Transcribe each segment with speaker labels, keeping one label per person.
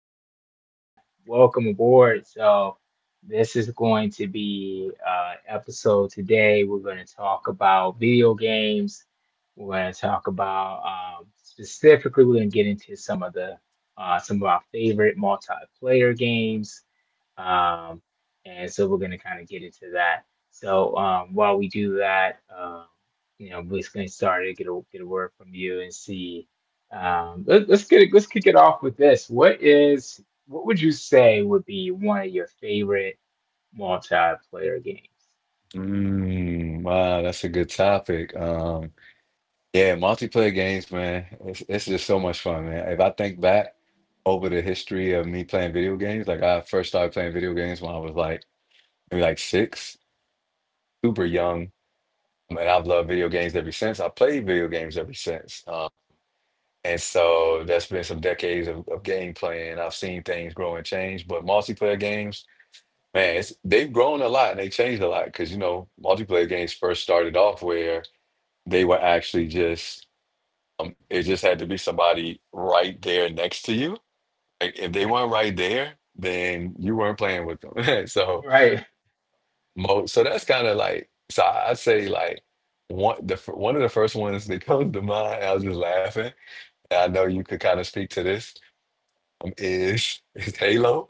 Speaker 1: M, welcome aboard. So, this is going to be episode today. We're going to talk about video games. We're going to talk about specifically. We're going to get into some of the some of our favorite multiplayer games. Um, and so we're going to kind of get into that. So while we do that, we're just going to start to get a word from you and see let's kick it off with this. What would you say would be one of your favorite multiplayer games?
Speaker 2: Wow, that's a good topic. Yeah, multiplayer games, man. It's just so much fun, man. If I think back over the history of me playing video games, like I first started playing video games when I was like maybe like six, super young, and I've loved video games ever since. I played video games ever since. And so that's been some decades of game playing. I've seen things grow and change, but multiplayer games, man, they've grown a lot and they changed a lot because, you know, multiplayer games first started off where they were actually just, it just had to be somebody right there next to you. Like if they weren't right there, then you weren't playing with them. So,
Speaker 1: Right.
Speaker 2: mo so that's kind of like, so I'd say like one of the first ones that comes to mind. I was just laughing. And I know you could kind of speak to this. Is is Halo?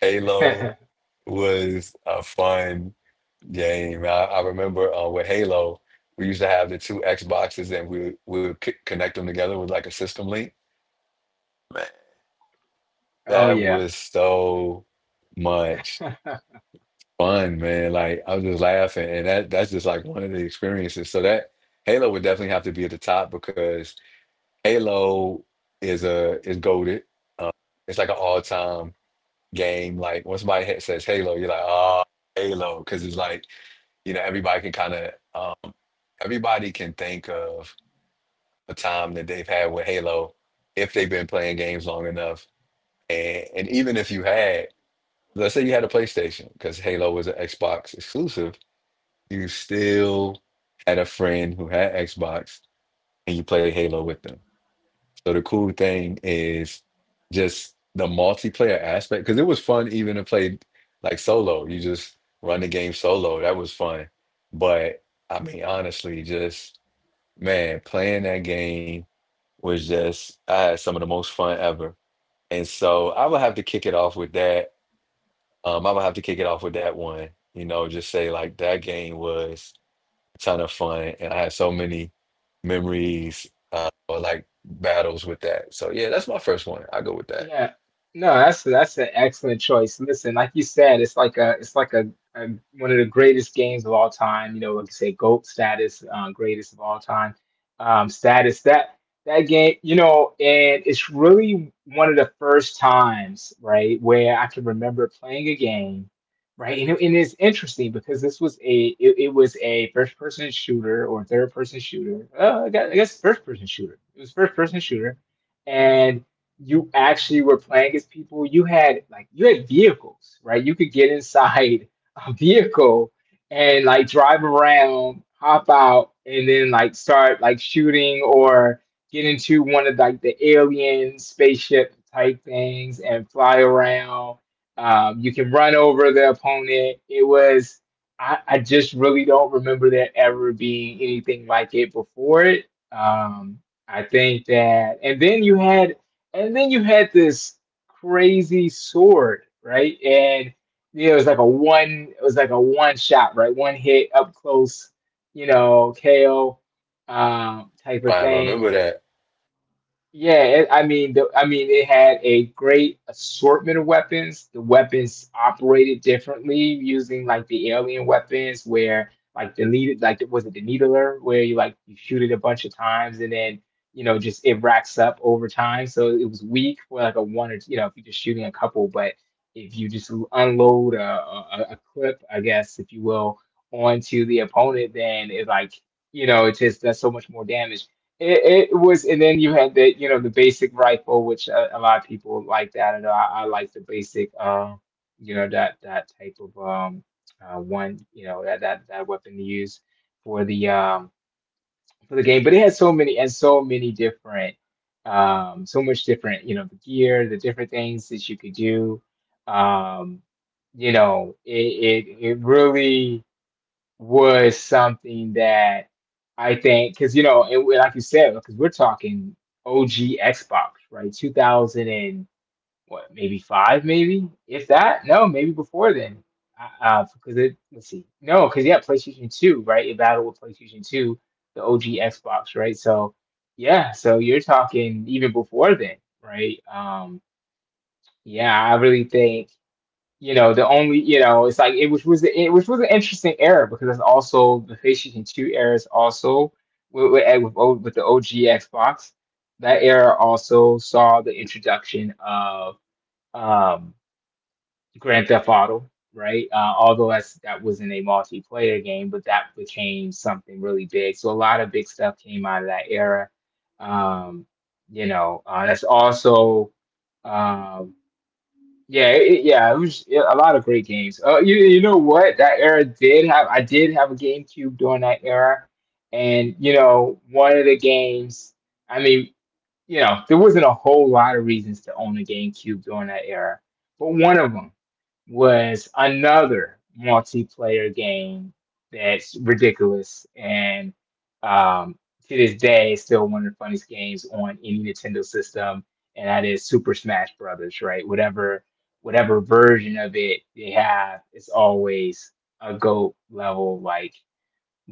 Speaker 2: Halo was a fun. Game. I remember with Halo, we used to have the two Xboxes and we would c connect them together with like a system link. Man,
Speaker 1: Oh
Speaker 2: that
Speaker 1: yeah.
Speaker 2: was so much fun, man. Like I was just laughing, and that's just like one of the experiences. So that Halo would definitely have to be at the top because Halo is goated. It's like an all-time game. Like once somebody says Halo, you're like, oh, Halo, because it's like you know everybody can kind of um, everybody can think of a time that they've had with Halo if they've been playing games long enough. And even if you had, let's say you had a PlayStation, because Halo was an Xbox exclusive, you still had a friend who had Xbox and you played Halo with them. So the cool thing is just the multiplayer aspect, because it was fun even to play like solo. You just run the game solo. That was fun. But I mean, honestly, just man, playing that game was just I had some of the most fun ever. And so I would have to kick it off with that. I would have to kick it off with that one. You know, just say like that game was a ton of fun, and I had so many memories or like battles with that. So yeah, that's my first one. I go with that.
Speaker 1: Yeah. No, that's an excellent choice. Listen, like you said, it's like a one of the greatest games of all time. You know, like you say, GOAT status, greatest of all time, status. That game, you know, and it's really one of the first times, right, where I can remember playing a game, right, and it's interesting because this was it was a first person shooter or third person shooter. I guess first person shooter. It was first person shooter, and you actually were playing as people. You had like you had vehicles, right? You could get inside a vehicle and like drive around, hop out, and then like start like shooting or get into one of like the alien spaceship type things and fly around. You can run over the opponent. I just really don't remember there ever being anything like it before it. Um, I think that, and then you had this crazy sword, right? And you know, it was like a one shot, right? One hit up close, you know, KO type of
Speaker 2: I
Speaker 1: thing.
Speaker 2: remember that.
Speaker 1: I mean, I mean, it had a great assortment of weapons. The weapons operated differently using like the alien weapons, where like was it the needler, where you shoot it a bunch of times and then you know just it racks up over time. So it was weak for like a one or two, you know if you're just shooting a couple, but if you just unload a clip, I guess if you will, onto the opponent, then it like you know it just does so much more damage. And then you had the, you know, the basic rifle, which a lot of people like that. I know I like the basic, that that type of one, you know, that weapon to use for the um for the game. But it had so many and so many different, so much different, you know, the gear, the different things that you could do. Um, you know, it it really was something that I think, because you know, and like you said, because we're talking OG Xbox, right? 2000 and what, maybe five, maybe if that. No, maybe before then. Because it let's see, no, because yeah, PlayStation Two, right? It battled with PlayStation Two, the OG Xbox, right? So yeah, so you're talking even before then, right? Yeah, I really think you know the only you know it's like it which was an interesting era because it's also the PlayStation Two era is also with, eh, with O- with the OG Xbox that era also saw the introduction of um, Grand Theft Auto, right? Although that's that wasn't a multiplayer game, but that became something really big. So a lot of big stuff came out of that era. um, that's also. Um, yeah, it was yeah, a lot of great games. You you know what? That era did have, I did have a GameCube during that era, and you know one of the games. I mean, you know, there wasn't a whole lot of reasons to own a GameCube during that era, but one of them was another multiplayer game that's ridiculous and um, to this day is still one of the funniest games on any Nintendo system, and that is Super Smash Brothers. Right, whatever version of it they have, it's always a GOAT level like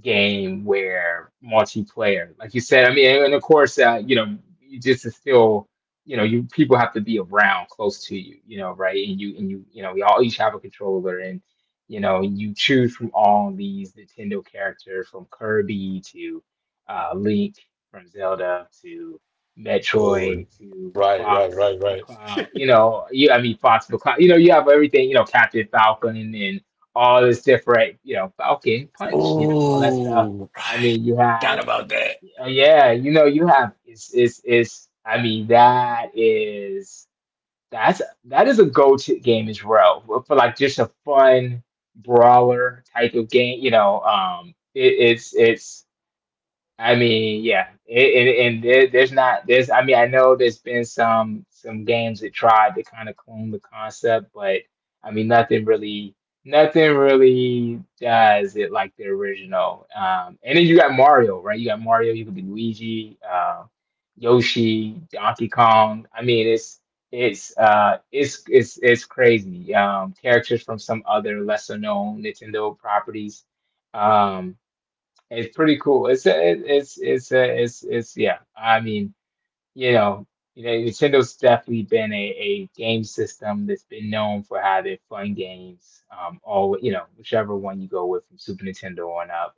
Speaker 1: game where multiplayer, like you said, I mean, and of course, you know, you just is still, you know, you people have to be around close to you, you know, right? And you know, we all each have a controller, and you know, you choose from all these Nintendo characters, from Kirby to Link, from Zelda to
Speaker 2: Oh,
Speaker 1: Metroid to Fox.
Speaker 2: right.
Speaker 1: McCloud, you know, you I mean Fox McCloud, you know, you have everything, you know, Captain Falcon and all this different, you know, Falcon Punch, you know, all that stuff.
Speaker 2: Oh,
Speaker 1: I
Speaker 2: right.
Speaker 1: mean, you
Speaker 2: Got
Speaker 1: have,
Speaker 2: about that.
Speaker 1: yeah, you know, you have. It's, it's. I mean, that is a go-to game as well for, like just a fun brawler type of game. You know, it, it's I mean, and there's not there's. I mean, I know there's been some games that tried to kind of clone the concept, but I mean, nothing really does it like the original. And then you got Mario, right? You got Mario. You could be Luigi, Yoshi, Donkey Kong. I mean, it's crazy. Characters from some other lesser known Nintendo properties. Um, it's pretty cool. It's it, it's yeah. I mean, you know, you know, Nintendo's definitely been a game system that's been known for having fun games. All you know, whichever one you go with from Super Nintendo on up,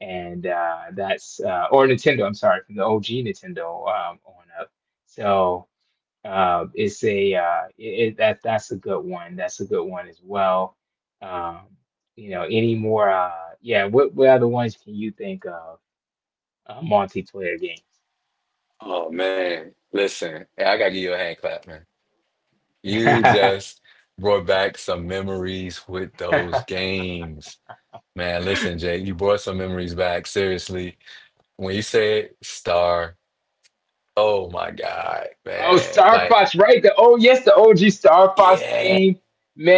Speaker 1: and that's or Nintendo. I'm sorry, from the OG Nintendo on up. So. It's a it, it, that That's a good one. That's a good one as well. Um, you know, any more? Yeah, what other ones can you think of? Multiplayer games.
Speaker 2: Oh man, listen, hey, I gotta give you a hand clap, man. You just brought back some memories with those games. Man, listen, Jay, you brought some memories back. Seriously, when you said star, oh my God,
Speaker 1: Oh,
Speaker 2: man.
Speaker 1: Star
Speaker 2: Like,
Speaker 1: Fox, right? The oh yes, the OG Star Fox
Speaker 2: yeah,
Speaker 1: game,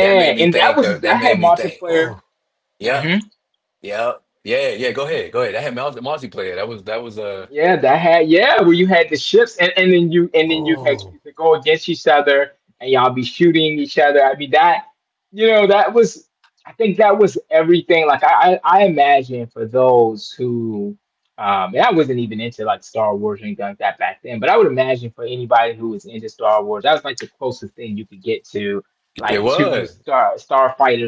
Speaker 2: that made me
Speaker 1: And that
Speaker 2: think
Speaker 1: was
Speaker 2: of,
Speaker 1: that
Speaker 2: that
Speaker 1: had
Speaker 2: made me think, oh,
Speaker 1: multiplayer.
Speaker 2: yeah,
Speaker 1: Hmm.
Speaker 2: yeah, yeah,
Speaker 1: Hmm.
Speaker 2: go ahead. That had multiplayer.
Speaker 1: Yeah, that had yeah, where you had the ships, and then you had
Speaker 2: Oh,
Speaker 1: you could go against each other and y'all be shooting each other. I mean that you know, that was I think that was everything. I imagine for those who and I wasn't even into like Star Wars or anything like that back then, but I would imagine for anybody who was into Star Wars, that was like the closest thing you could get to
Speaker 2: it
Speaker 1: like two
Speaker 2: was,
Speaker 1: star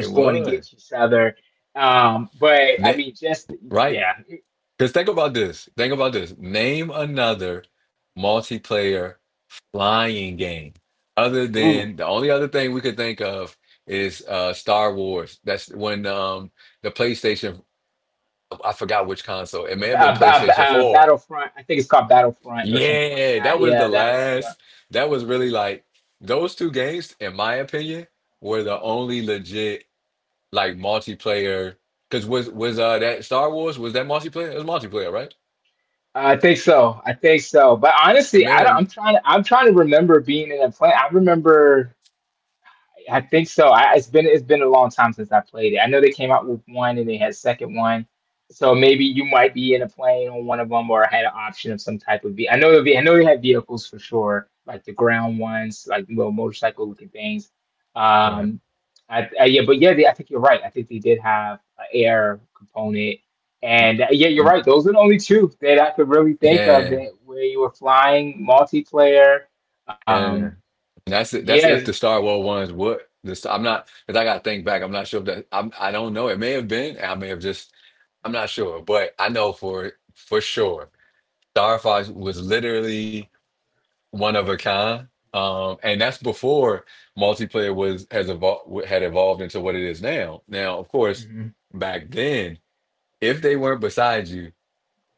Speaker 2: it
Speaker 1: going
Speaker 2: was.
Speaker 1: against each other. But I
Speaker 2: Ne
Speaker 1: mean just
Speaker 2: Right.
Speaker 1: yeah.
Speaker 2: Because think about this. Think about this. Name another multiplayer flying game. Other
Speaker 1: Ooh.
Speaker 2: than the only other thing we could think of is Star Wars. That's when the PlayStation I forgot which console. It may have been PlayStation 4.
Speaker 1: Battlefront. I think it's called Battlefront or something like
Speaker 2: Yeah, that
Speaker 1: that.
Speaker 2: was the
Speaker 1: Yeah, that one. Yeah.
Speaker 2: last. That was really
Speaker 1: Yeah.
Speaker 2: like those two games, in my opinion, were the only legit like multiplayer. Because was that Star Wars was that multiplayer? It was multiplayer, right?
Speaker 1: I think so. I think so. But
Speaker 2: And
Speaker 1: honestly, I don't.
Speaker 2: man,
Speaker 1: I'm trying to remember being in a plane. I remember. I think so. It's been a long time since I played it. I know they came out with one and they had a second one, so maybe you might be in a plane on one of them or had an option of some type of. I know they had vehicles for sure, like the ground ones, like little motorcycle looking things.
Speaker 2: right.
Speaker 1: Um, yeah, but yeah, they, I think you're right. I think they did have an air component, and yeah, you're right. Those are the only two that I could really think of
Speaker 2: Yeah.
Speaker 1: that where you were flying multiplayer.
Speaker 2: Yeah.
Speaker 1: Um,
Speaker 2: And that's it. That's if
Speaker 1: yeah.
Speaker 2: the Star Wars ones would. This I'm not because I gotta think back. I'm not sure if that I'm I don't know. It may have been. I may have just I'm not sure, but I know for sure. Star Fox was literally one of a kind. And that's before multiplayer was has evolved had evolved into what it is now. Now, of course, back then, if they weren't beside you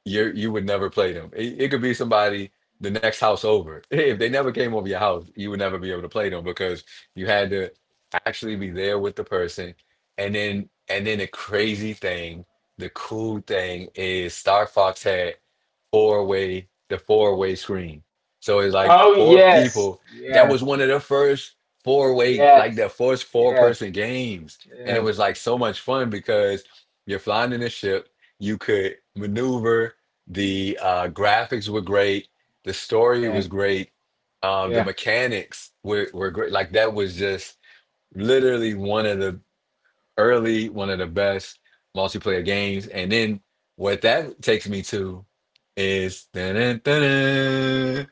Speaker 2: you would never play them. It could be somebody the next house over. If they never came over your house, you would never be able to play them because you had to actually be there with the person. And then the crazy thing, the cool thing is Star Fox had four way the four-way screen. So it's like
Speaker 1: Oh
Speaker 2: four
Speaker 1: yes,
Speaker 2: people. That was
Speaker 1: yes,
Speaker 2: one of the first four-way like
Speaker 1: yes,
Speaker 2: the first four
Speaker 1: yes,
Speaker 2: person games, and it
Speaker 1: yes.
Speaker 2: was like so much fun because you're flying in a ship. You could maneuver. The graphics were great. The story was
Speaker 1: Right.
Speaker 2: great. The
Speaker 1: Yeah.
Speaker 2: mechanics were great. Like that was just literally one of the early, one of the best multiplayer games. And then what that takes me to is dun, dun, dun,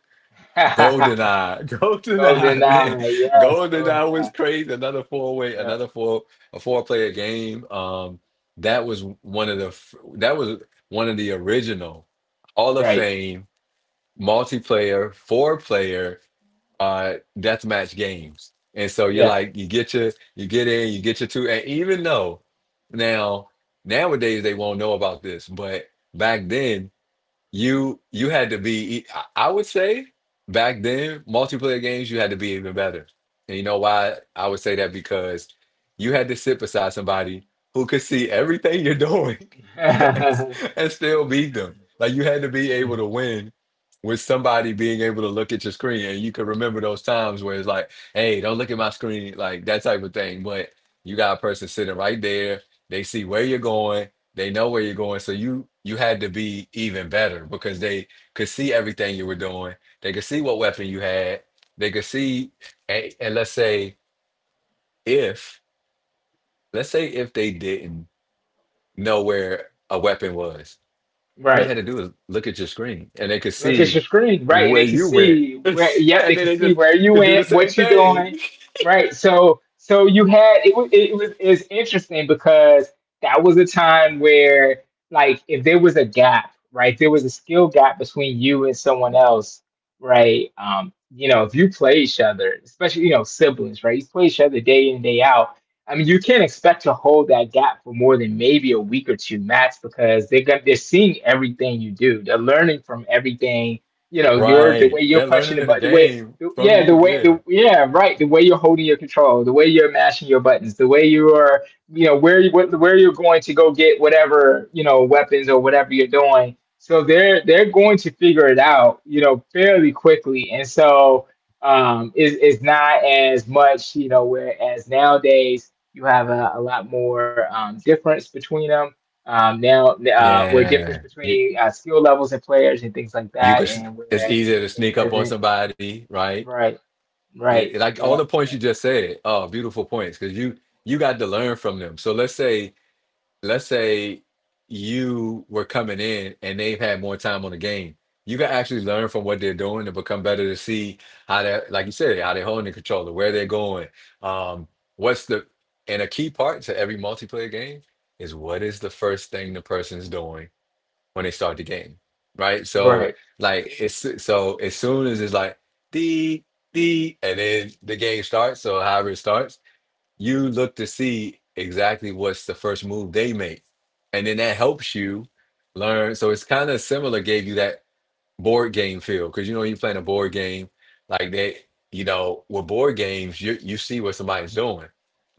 Speaker 2: GoldenEye.
Speaker 1: Golden
Speaker 2: GoldenEye, man.
Speaker 1: eye. Yes,
Speaker 2: GoldenEye
Speaker 1: golden
Speaker 2: was
Speaker 1: eye.
Speaker 2: crazy. Another four-way,
Speaker 1: Yeah.
Speaker 2: another four a four player game. That was one of that was one of the original Hall of
Speaker 1: Right.
Speaker 2: Fame multiplayer four player deathmatch games. And so you're
Speaker 1: Yeah.
Speaker 2: like you get your you get in, you get your two and even though now nowadays they won't know about this, but back then you had to be, I would say back then, multiplayer games, you had to be even better. And you know why I would say that? Because you had to sit beside somebody who could see everything you're doing and, s- and still beat them. Like you had to be able to win with somebody being able to look at your screen and you could remember those times where it's like, hey, don't look at my screen, like that type of thing. But you got a person sitting right there, they see where you're going. They know where you're going, so you had to be even better because they could see everything you were doing. They could see what weapon you had. They could see, and if let's say if they didn't know where a weapon was, all they
Speaker 1: Right.
Speaker 2: had to do is look at your screen, and they could
Speaker 1: Look at
Speaker 2: see
Speaker 1: your screen, right? And
Speaker 2: where
Speaker 1: they can
Speaker 2: you went,
Speaker 1: see
Speaker 2: and
Speaker 1: where. Yep,
Speaker 2: then
Speaker 1: they can
Speaker 2: they
Speaker 1: see
Speaker 2: just
Speaker 1: where you
Speaker 2: could do the
Speaker 1: went,
Speaker 2: same
Speaker 1: what you're
Speaker 2: thing.
Speaker 1: doing, right? So, so you had it. Was It was is interesting because that was a time where, like, if there was a gap, right? If there was a skill gap between you and someone else, right? You know, if you play each other, especially you know siblings, right? You play each other day in day out. I mean, you can't expect to hold that gap for more than maybe a week or two max because they're gonna, they're seeing everything you do. They're learning from everything. You know, your the way
Speaker 2: Right.
Speaker 1: you're
Speaker 2: They're
Speaker 1: punching
Speaker 2: learning
Speaker 1: the
Speaker 2: the
Speaker 1: button,
Speaker 2: game from
Speaker 1: yeah,
Speaker 2: you.
Speaker 1: the way
Speaker 2: Yeah.
Speaker 1: the yeah, right, the way you're holding your control, the way you're mashing your buttons, the way you are, where you're going to go get whatever weapons or whatever you're doing. So they're going to figure it out, you know, fairly quickly, and so is not as much, you know, whereas nowadays you have a lot more difference between them. Where difference
Speaker 2: Yeah.
Speaker 1: between skill levels and players and things like
Speaker 2: You
Speaker 1: that,
Speaker 2: could s-
Speaker 1: and
Speaker 2: it's
Speaker 1: where
Speaker 2: easier to
Speaker 1: it
Speaker 2: sneak up on
Speaker 1: doesn't.
Speaker 2: somebody, right?
Speaker 1: Right, right,
Speaker 2: Like all
Speaker 1: yeah,
Speaker 2: the points you just said are beautiful points because you got to learn from them. Let's say you were coming in and they've had more time on the game. You can actually learn from what they're doing to become better to see how they like you said how they're holding the controller, where they're going, um, what's the and a key part to every multiplayer game is what is the first thing the person's doing when they start the game, right? So
Speaker 1: right,
Speaker 2: like it's so as soon as it's like the the and then the game starts, so however it starts, you look to see exactly what's the first move they make, and then that helps you learn. So it's kind of similar. Gave you that board game feel because you know when you're playing a board game like that you know with board games you see what somebody's doing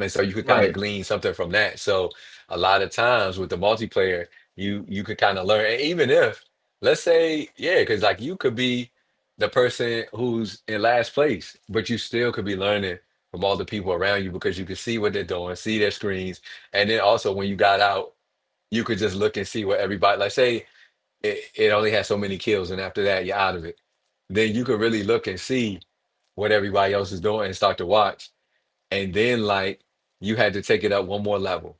Speaker 2: and so you could kind of
Speaker 1: right,
Speaker 2: glean something from that so a lot of times with the multiplayer you could kind of learn and even if let's say yeah because like you could be the person who's in last place but you still could be learning from all the people around you because you could see what they're doing see their screens and then also when you got out you could just look and see what everybody like say it only has so many kills, and after that, you're out of it. Then you can really look and see what everybody else is doing and start to watch. And then, like, you had to take it up one more level.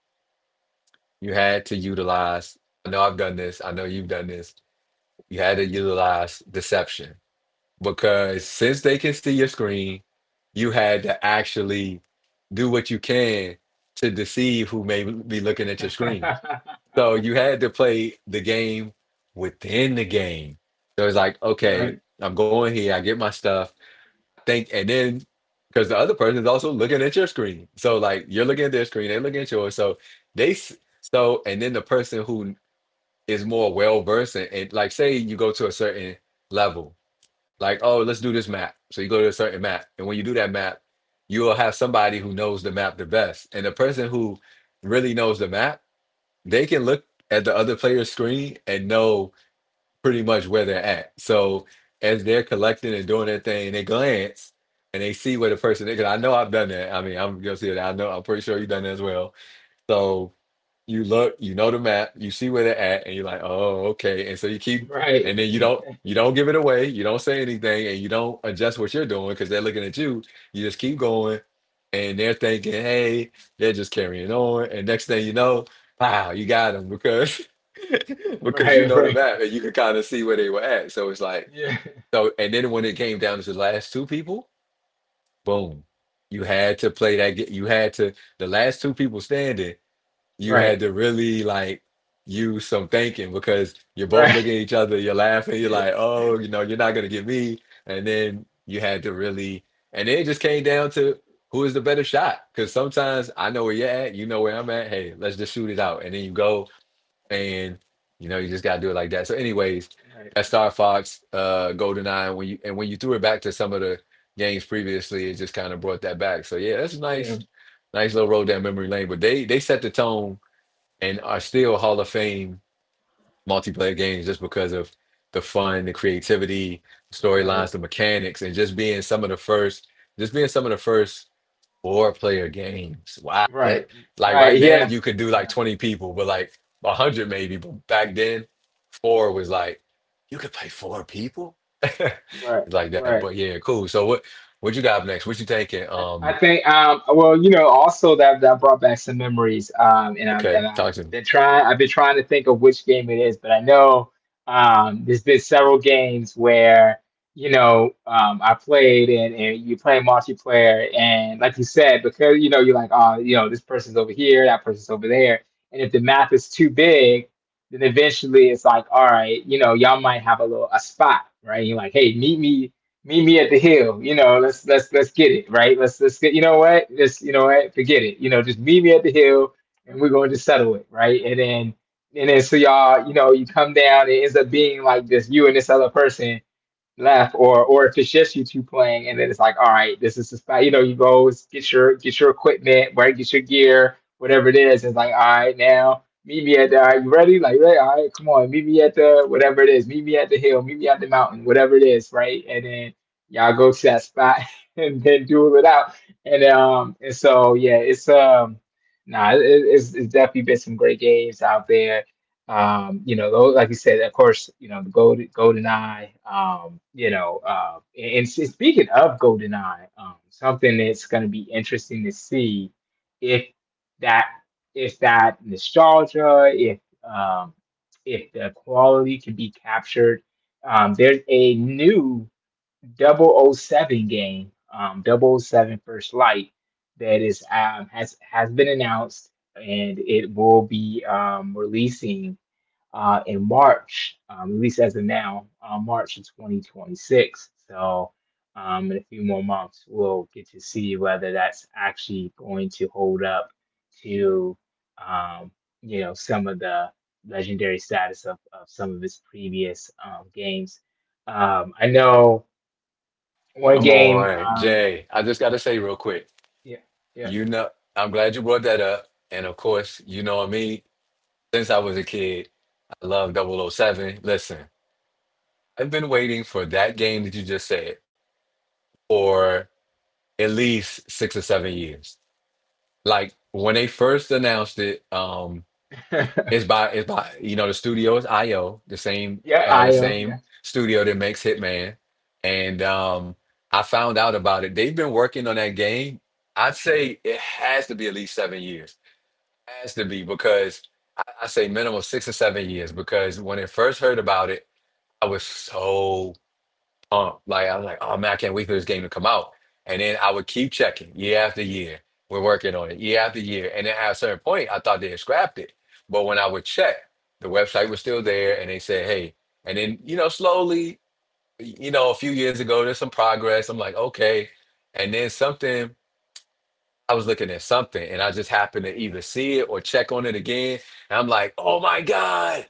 Speaker 2: You had to utilize, I know I've done this, I know you've done this. You had to utilize deception because since they can see your screen, you had to actually do what you can to deceive who may be looking at your screen so you had to play the game within the game. So it's like, okay,
Speaker 1: right,
Speaker 2: I'm going here, I get my stuff, think, and then because the other person is also looking at your screen. So like you're looking at their screen, they're looking at yours. They s- so and then the person who is more well versed and like say you go to a certain level, like, oh, let's do this map. So you go to a certain map, and when you do that map, you'll have somebody who knows the map the best. And the person who really knows the map they can look at the other player's screen and know pretty much where they're at. So as they're collecting and doing their thing, they glance and they see where the person is. Because I know I've done that. I mean, I'm guilty of that. I know. I'm pretty sure you've done that as well. So you look, you know the map, you see where they're at, and you're like, oh, okay. And so you keep,
Speaker 1: right,
Speaker 2: and then you don't give it away, you don't say anything, and you don't adjust what you're doing because they're looking at you. You just keep going, and they're thinking, hey, they're just carrying on. And next thing you know, wow, you got them because because you
Speaker 1: right,
Speaker 2: know the
Speaker 1: right,
Speaker 2: map and you can kind of see where they were at. So it's like,
Speaker 1: yeah,
Speaker 2: so, and then when it came down to the last two people, boom, you had to play that. You had to, the last two people standing, you had
Speaker 1: right,
Speaker 2: to really like use some thinking because you're both
Speaker 1: right,
Speaker 2: looking at each other, you're laughing, you're like, oh, you know, you're not gonna get me. And then you had to really, and then it just came down to who is the better shot. Because sometimes I know where you're at, you know where I'm at. Hey, let's just shoot it out. And then you go and you know, you just gotta do it like that. So, anyways,
Speaker 1: right,
Speaker 2: that Star Fox, GoldenEye, when you threw it back to some of the games previously, it just kind of brought that back. So yeah, that's a nice,
Speaker 1: yeah,
Speaker 2: nice little road down memory lane. But they set the tone and are still Hall of Fame multiplayer games just because of the fun, the creativity, the
Speaker 1: right,
Speaker 2: storylines, the mechanics, and just being some of the first, just being some of the first four player games. Wow, that
Speaker 1: right,
Speaker 2: like right
Speaker 1: right,
Speaker 2: now
Speaker 1: yeah,
Speaker 2: you could do like
Speaker 1: yeah,
Speaker 2: 20 people, but like 100 maybe, but back then four was like you could play four people.
Speaker 1: right,
Speaker 2: like that. But
Speaker 1: right.
Speaker 2: yeah, cool. So what you got next? What you thinking?
Speaker 1: I, I think well, you know, also that that brought back some memories, um and I'm
Speaker 2: Okay,
Speaker 1: and I've
Speaker 2: talk to me.
Speaker 1: been trying I've been trying to think of which game it is, but I know there's been several games where I played, and you play multiplayer, and like you said, because you know you're like, oh, you know, this person's over here, that person's over there, and if the map is too big, then eventually it's like, all right, you know, y'all might have a little a spot, right? You're like, hey, meet me at the hill. You know, let's let's get it right. Let's get. You know what? Just, you know what? Forget it. You know, just meet me at the hill, and we're going to settle it right. And then so y'all, you know, you come down. It ends up being like just you and this other person, Left. Or if it's just you two playing, and then it's like, all right, this is just, you know, you go get your equipment, right? Get your gear, whatever it is. It's like, all right, now meet me at the, all right, you ready? Like, right, all right, come on, meet me at the whatever it is, meet me at the hill, meet me at the mountain, whatever it is, right? And then y'all go to that spot and then do it out. And so yeah, it's nah it's definitely been some great games out there, you know, like you said, of course, you know, the golden eye, and speaking of golden eye, something that's going to be interesting to see if that, if that nostalgia, um, if the quality can be captured. There's a new 007 game, double oh 007 First Light that has been announced, and it will be, releasing in March, at least as of now, March of 2026. So, in a few more months, we'll get to see whether that's actually going to hold up to, um, you know, some of the legendary status of some of his previous games. I know one
Speaker 2: Come
Speaker 1: game.
Speaker 2: on, Jay. I just gotta say real quick.
Speaker 1: Yeah, yeah,
Speaker 2: You know, I'm glad you brought that up. And of course, you know me, since I was a kid, I love 007. Listen, I've been waiting for that game that you just said for at least 6 or 7 years. Like when they first announced it, it's by it's by you know the studio is IO, the same
Speaker 1: yeah.
Speaker 2: uh the
Speaker 1: Io, yeah,
Speaker 2: same studio that makes Hitman. And I found out about it. They've been working on that game. I'd say it has to be at least 7 years, has to be, because I say minimum 6 or 7 years because when I first heard about it, I was so pumped. Like I was like, oh man, I can't wait for this game to come out. And then I would keep checking year after year. We're working on it year after year. And then at a certain point, I thought they had scrapped it. But when I would check, the website was still there and they said, hey, and then, you know, slowly, you know, a few years ago, there's some progress. I'm like, okay. And then something I was looking at something and I just happened to either see it or check on it again. And I'm like, oh my God,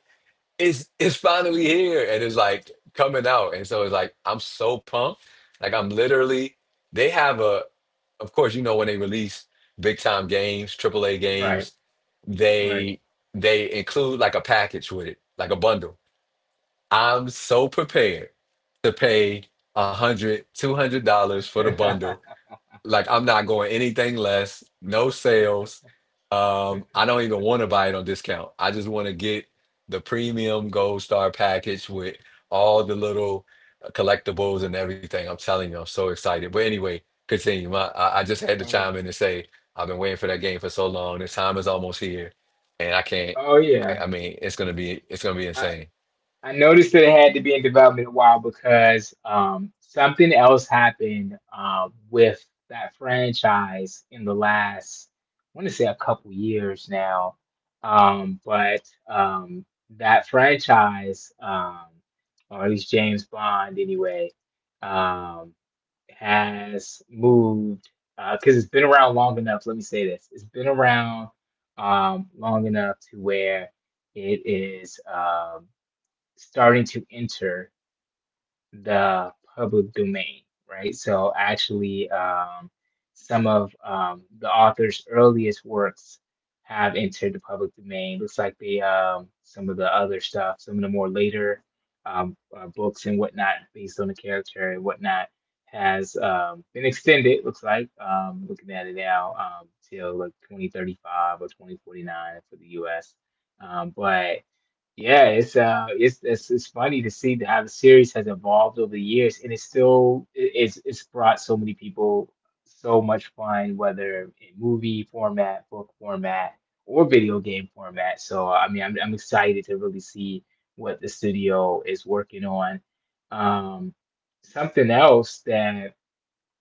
Speaker 2: it's finally here. And it's like coming out. And so it's like I'm so pumped. Like I'm literally they have a of course, you know when they release big time games, triple A
Speaker 1: right,
Speaker 2: games,
Speaker 1: right.
Speaker 2: they they include like a package with it, like a bundle. I'm so prepared to pay $100 $200 for the bundle
Speaker 1: oh
Speaker 2: like I'm not going anything less, no sales. I don't even want to buy it on discount. I just want to get the premium gold star package with all the little collectibles and everything. I'm telling you, I'm so excited. But anyway, continue. I just had to
Speaker 1: yeah,
Speaker 2: chime in and say I've been waiting for that game for so long. The time is almost here, and I can't.
Speaker 1: oh
Speaker 2: I,
Speaker 1: yeah.
Speaker 2: I mean, it's gonna be
Speaker 1: I,
Speaker 2: insane.
Speaker 1: I noticed that it had to be in development a while because something else happened with that franchise in the last, I want to say a couple years now. But That franchise, or at least James Bond anyway, um, has moved because it's been around long enough. Let me say this, it's been around long enough to where it is. Starting to enter the public domain, right? So actually, some of the author's earliest works have entered the public domain. Looks like they some of the other stuff, some of the more later books and whatnot, based on the character and whatnot, has been extended. Looks like looking at it now till like 2035 or 2049 for the U.S. But Yeah, it's funny to see how the series has evolved over the years, and it's still it's brought so many people so much fun, whether in movie format, book format, or video game format. So I mean, I'm excited to really see what the studio is working on. Um, Something else that,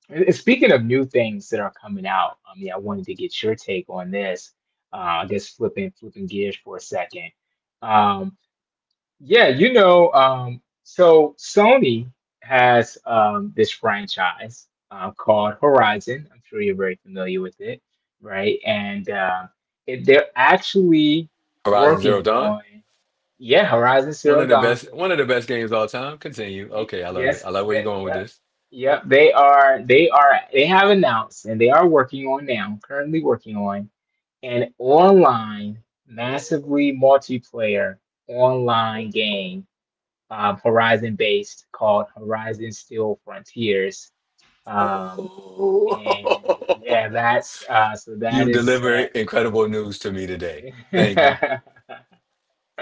Speaker 1: and speaking of new things that are coming out, I mean, I wanted to get your take on this. I guess flipping gears for a second. Um, yeah, you know, so Sony has this franchise called Horizon. I'm sure you're very familiar with it, right? And it, they're actually
Speaker 2: Horizon Zero
Speaker 1: working
Speaker 2: Dawn,
Speaker 1: on, yeah, Horizon
Speaker 2: one
Speaker 1: Zero
Speaker 2: of the
Speaker 1: Dawn.
Speaker 2: best one of the best games of all time. Continue. Okay, I love it.
Speaker 1: Yes,
Speaker 2: I love where you're
Speaker 1: that,
Speaker 2: going with
Speaker 1: yeah,
Speaker 2: this.
Speaker 1: yeah. They are, they have announced, and they are working on now, currently working on an online, massively multiplayer online game, Horizon based, called Horizon Steel Frontiers. Um,
Speaker 2: Oh,
Speaker 1: and yeah, that's so that
Speaker 2: you
Speaker 1: is
Speaker 2: deliver incredible news to me today. Thank you.
Speaker 1: set.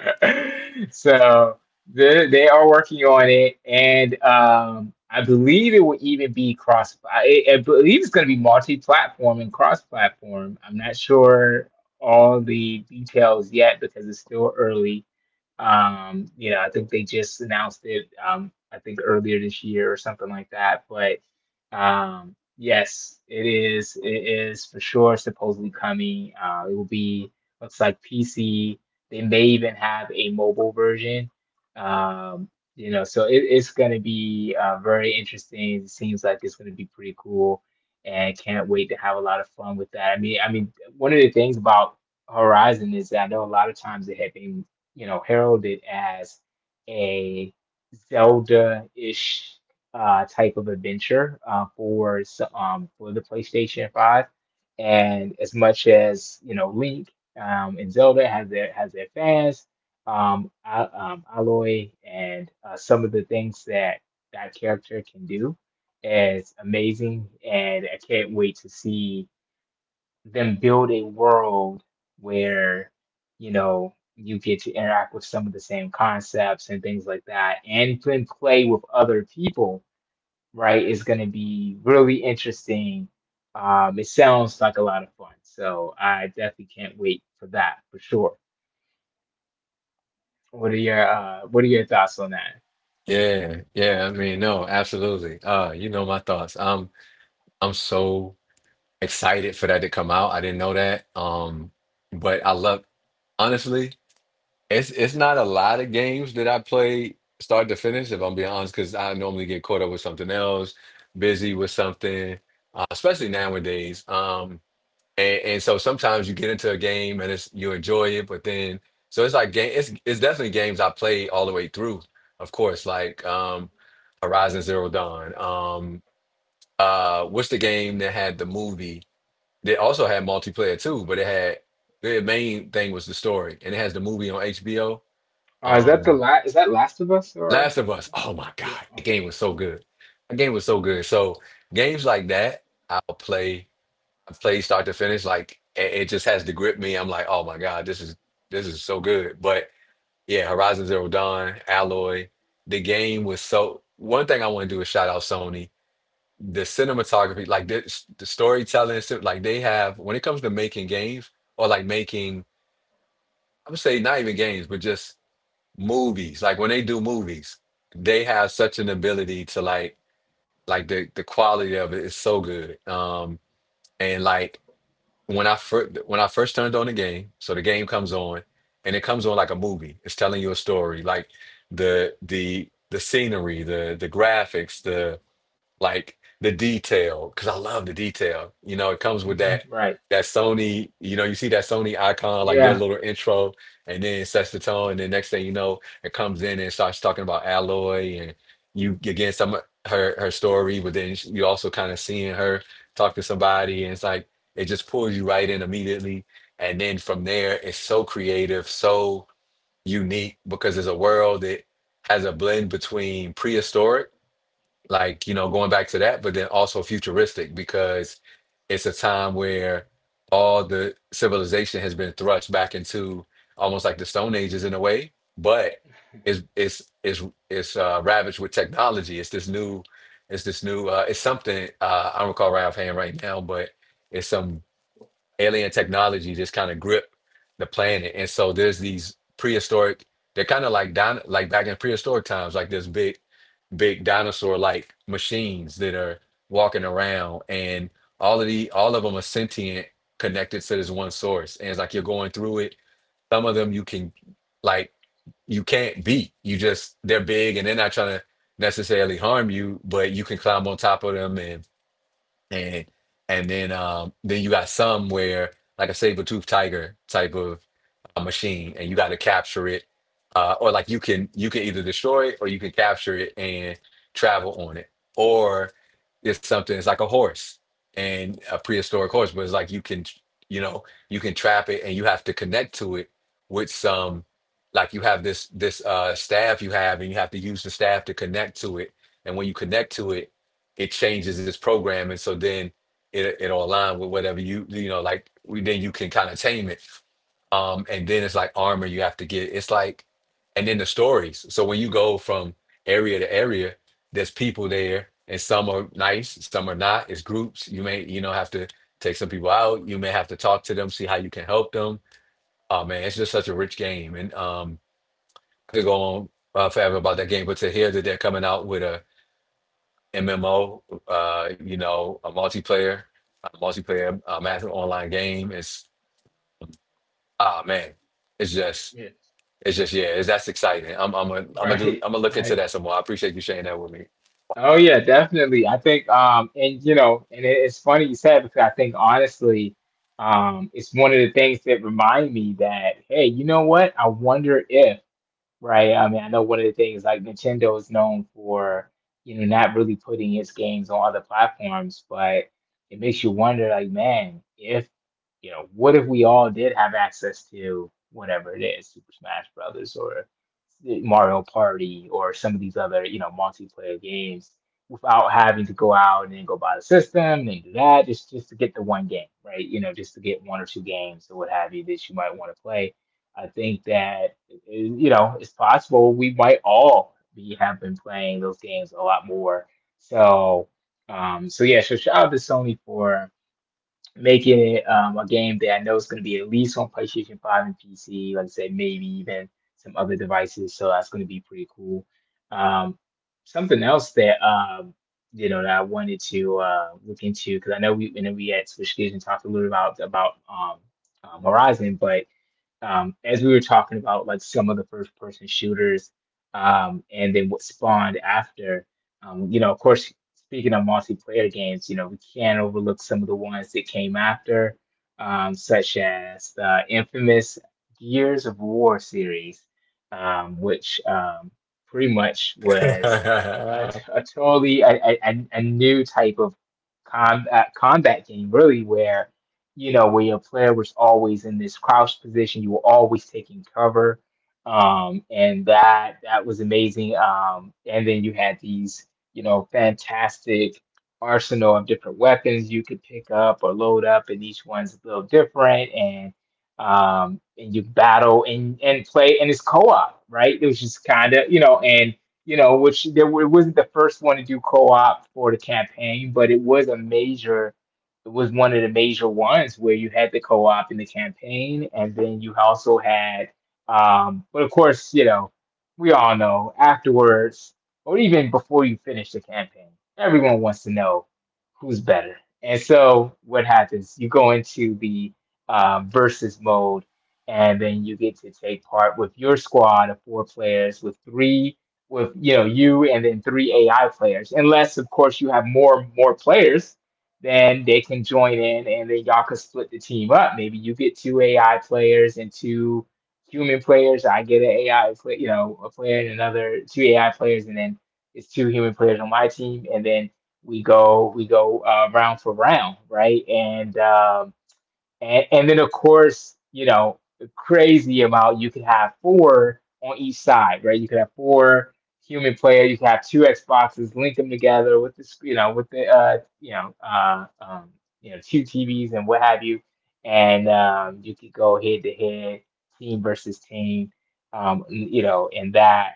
Speaker 1: So they are working on it, and I believe it will even be cross. I believe it's going to be multi-platform and cross-platform. I'm not sure all the details yet because it's still early. You know, I think they just announced it. I think earlier this year or something like that. But yes, it is. It is for sure supposedly coming. It will be, looks like PC, they may even have a mobile version. Um, you know, so it's going to be very interesting. It seems like it's going to be pretty cool, and can't wait to have a lot of fun with that. I mean, one of the things about Horizon is that I know a lot of times it had been, you know, heralded as a Zelda-ish type of adventure for the PlayStation 5. And as much as, you know, Link and Zelda has their fans, Aloy and some of the things that that character can do is amazing, and I can't wait to see them build a world where you know you get to interact with some of the same concepts and things like that, and then play with other people, right, is going to be really interesting. It sounds like a lot of fun, so I definitely can't wait for that for sure. What are your thoughts on that?
Speaker 2: Yeah, yeah. I mean, no, absolutely. You know my thoughts. I'm so excited for that to come out. I didn't know that. But I love honestly, it's not a lot of games that I play start to finish, if I'm being honest, because I normally get caught up with something else, busy with something, especially nowadays. And so sometimes you get into a game and it's you enjoy it, but then so it's like game it's definitely games I played all the way through, of course, like Horizon Zero Dawn. What's the game that had the movie that also had multiplayer too, but it had the main thing was the story and it has the movie on HBO.
Speaker 1: Is that the
Speaker 2: Um
Speaker 1: last? Is that Last of Us or
Speaker 2: Last of
Speaker 1: no?
Speaker 2: Us. Oh my
Speaker 1: Yeah.
Speaker 2: God, the
Speaker 1: Okay.
Speaker 2: game was so good. The game was so
Speaker 1: hmm
Speaker 2: good. So games like that I'll play I've start to finish. Like it just has to grip me. I'm like, oh my God, this is so good. But yeah, Horizon Zero Dawn, Alloy, the game was so. One thing I want to do is shout out Sony. The cinematography, like this, the storytelling, like they have when it comes to making games or like making, I would say not even games, but just movies. Like when they do movies, they have such an ability to like the quality of it is so good. And like when I first turned on the game, so the game comes on and it comes on like a movie. It's telling you a story, like the scenery, the graphics, the detail because I love the detail. It comes with
Speaker 1: hmm
Speaker 2: that
Speaker 1: Right.
Speaker 2: that Sony. You see that Sony icon like their
Speaker 1: Yeah.
Speaker 2: little intro, and then it sets the tone. And then next thing you know, it comes in and starts talking about Alloy, and you again some her story, but then you also kind of seeing her talk to somebody, and it's like it just pulls you right in immediately. And then from there it's so creative, so unique, because it's a world that has a blend between prehistoric, like, going back to that, but then also futuristic because it's a time where all the civilization has been thrust back into almost like the stone ages in a way. But it's it's it's it's ravaged with technology. It's this new, it's something, I don't recall right offhand right now, but it's some alien technology just kind of gripped the planet. And so there's these prehistoric, they're kind of like like back in prehistoric times, like this big, big dinosaur like machines that are walking around, and all of them are sentient, connected to this one source. And it's like you're going through it. Some of them you can, like, you can't beat. You just, they're big and they're not trying to necessarily harm you, but you can climb on top of them, and and then you got some where like a saber tooth tiger type of machine, and you got to capture it, or like you can either destroy it or you can capture it and travel on it, or it's something, it's like a horse and a prehistoric horse, but it's like you can, you can trap it and you have to connect to it with some, like, you have this staff you have and you have to use the staff to connect to it. And when you connect to it, it changes its program, and so then it'll align with whatever you you know like, we, then you can kind of tame it. And then it's like armor you have to get. It's like, and then the stories. So when you go from area to area, there's people there, and some are nice, some are not. It's groups. You may have to take some people out. You may have to talk to them, see how you can help them. Oh man, it's just such a rich game, and I could go on forever about that game. But to hear that they're coming out with a MMO, a multiplayer, massive online game. It's ah man, it's just
Speaker 1: Yeah.
Speaker 2: it's just yeah, it's, That's exciting. I'm a, I'm gonna do
Speaker 1: Right.
Speaker 2: I'm gonna look into
Speaker 1: Right.
Speaker 2: that some more. I appreciate you sharing that with me.
Speaker 1: Oh yeah, definitely. I think and you know, and it's funny you said, because I think honestly, it's one of the things that remind me that, hey, you know what? I wonder if. Right. I mean, I know one of the things like Nintendo is known for, you know, not really putting its games on other platforms, but it makes you wonder, like, man, if, you know, what if we all did have access to whatever it is, Super Smash Brothers or Mario Party or some of these other, you know, multiplayer games without having to go out and then go buy the system and do that, just to get the one game, right? You know, just to get one or two games or what have you, that you might want to play. I think that, you know, it's possible we might all be have been playing those games a lot more. So, yeah, so shout out to Sony for making it a game that I know is going to be at least on PlayStation 5 and PC, like I said, maybe even some other devices. So that's going to be pretty cool. Um, Something else that you know, that I wanted to look into, because I know we and then we at Switch Gears and talked a little about Horizon, but as we were talking about like some of the first person shooters and then what spawned after, you know, of course, speaking of multiplayer games, you know, we can't overlook some of the ones that came after, such as the infamous Gears of War series, which pretty much was a a totally a new type of combat game, really, where, you know, where your player was always in this crouch position, you were always taking cover. And that that was amazing. And then you had these, you know, fantastic arsenal of different weapons you could pick up or load up, and each one's a little different, and you battle and play, and it's co-op, right? It was just kind of, you know, and you know, which it wasn't the first one to do co-op for the campaign, but it was a major. It was one of the major ones where you had the co-op in the campaign, and then you also had, but of course, you know, we all know afterwards or even before you finish the campaign, everyone wants to know who's better. And so what happens? You go into the versus mode, and then you get to take part with your squad of four players, with three, with you, and then three AI players. Unless, of course, you have more players, then they can join in, and then y'all can split the team up. Maybe you get two AI players and two human players. I get an AI, play, a player and another two AI players, and then it's two human players on my team, and then we go round for round, right? And then, of course, the crazy amount, you could have four on each side, right? You could have four human players. You could have two Xboxes, link them together with this, you know, with the, you know, two TVs and what have you. And You could go head to head, team versus team, you know, and that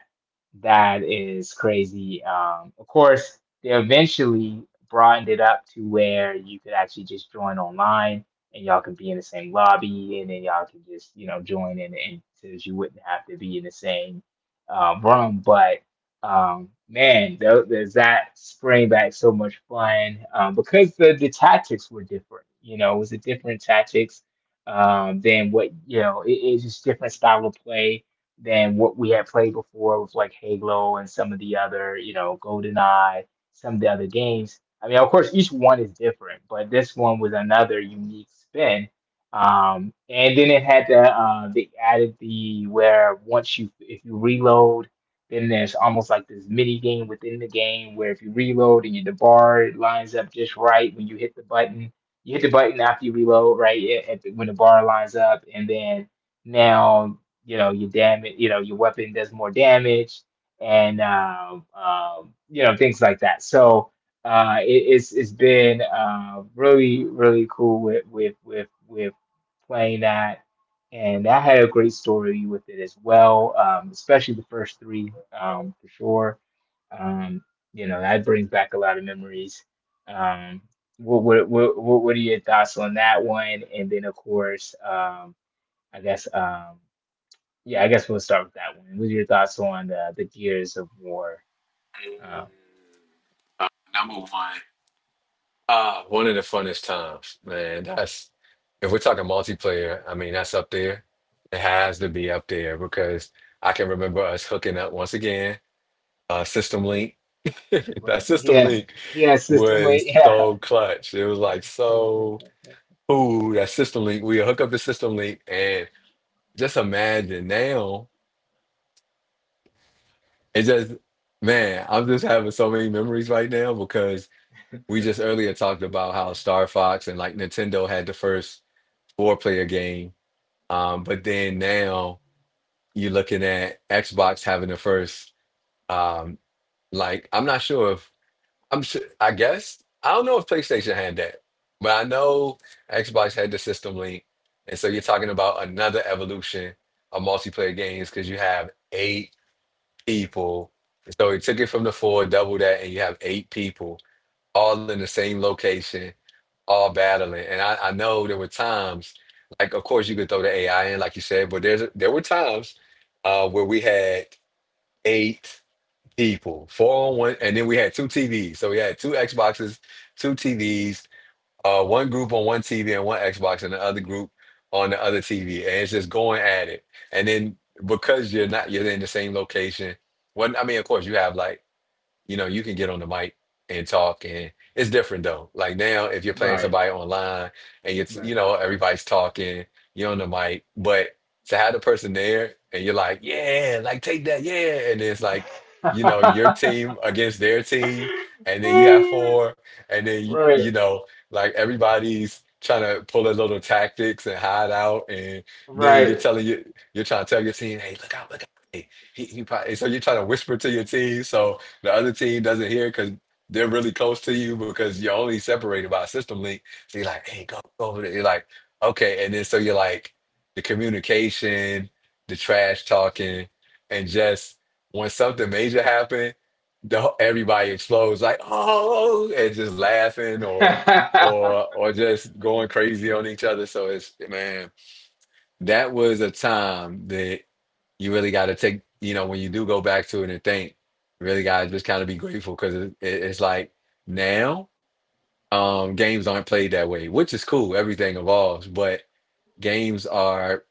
Speaker 1: that is crazy. Of course, they eventually broadened it up to where you could actually just join online and y'all can be in the same lobby, and then y'all can just join in, and since you wouldn't have to be in the same room. But man, there's that spring back so much fun because the tactics were different. You know, it was a different tactics than what you know. It's just different style of play than what we had played before with like Halo and some of the other GoldenEye, some of the other games. I mean, of course, each one is different, but this one was another unique spin. And then it had they added the, where once you, if you reload, then there's almost like this mini game within the game where if you reload and you, the bar lines up just right when you hit the button, you hit the button after you reload, right at the, when the bar lines up, and then now you know your damage, you know your weapon does more damage, and things like that. So it's been really really cool with playing that, and that had a great story with it as well. Especially the first three, for sure. Um, that brings back a lot of memories. Um, what are your thoughts on that one? And then of course, I guess yeah, I guess we'll start with that one. What are your thoughts on the Gears of War? Uh,
Speaker 2: Number one, ah, one of the funnest times, man. That's if we're talking multiplayer. I mean, that's up there. It has to be up there because I can remember us hooking up once again, System Link. That
Speaker 1: Right.
Speaker 2: System
Speaker 1: Yeah.
Speaker 2: Link
Speaker 1: Yeah. System.
Speaker 2: was
Speaker 1: Wait. Yeah.
Speaker 2: so clutch. It was like so cool. That System Link, we hook up the System Link and just imagine now. It just, man, I'm just having so many memories right now because we just earlier talked about how Star Fox and like Nintendo had the first four player game. But then now you're looking at Xbox having the first, um, like, I'm not sure if. I'm sure, I guess. I don't know if PlayStation had that, but I know Xbox had the System Link. And so you're talking about another evolution of multiplayer games because you have eight people. So it took it from the four, double that, and you have eight people all in the same location, all battling. And I know there were times, like, of course, you could throw the AI in, like you said, but there were times where we had eight people. Four on one, and then we had two TVs. So we had two Xboxes, two TVs, one group on one TV and one Xbox, and the other group on the other TV. And it's just going at it. And then because you're not, you're in the same location. When I mean, of course, you have like you can get on the mic and talk, and it's different though. Like now if you're playing
Speaker 1: Right.
Speaker 2: somebody online and it's
Speaker 1: Right.
Speaker 2: everybody's talking, you're on the mic, but to have the person there and you're like, yeah, like take that, yeah. And it's like, you know, your team against their team, and then you have four, and then
Speaker 1: Right. Right.
Speaker 2: like everybody's trying to pull their little tactics and hide out, and then you're trying to tell your team, hey, look out, look out. Hey, he probably, so you're trying to whisper to your team so the other team doesn't hear because they're really close to you because you're only separated by a system link. So you're like, hey, go over there. You're like, okay. And then so you're like, the communication, the trash talking, and just when something major happened, the everybody explodes like, oh, and just laughing or or just going crazy on each other. So it's, man, that was a time that you really got to take, you know, when you do go back to it and think, you really got to just kind of be grateful because it's like now games aren't played that way, which is cool. Everything evolves, but games are,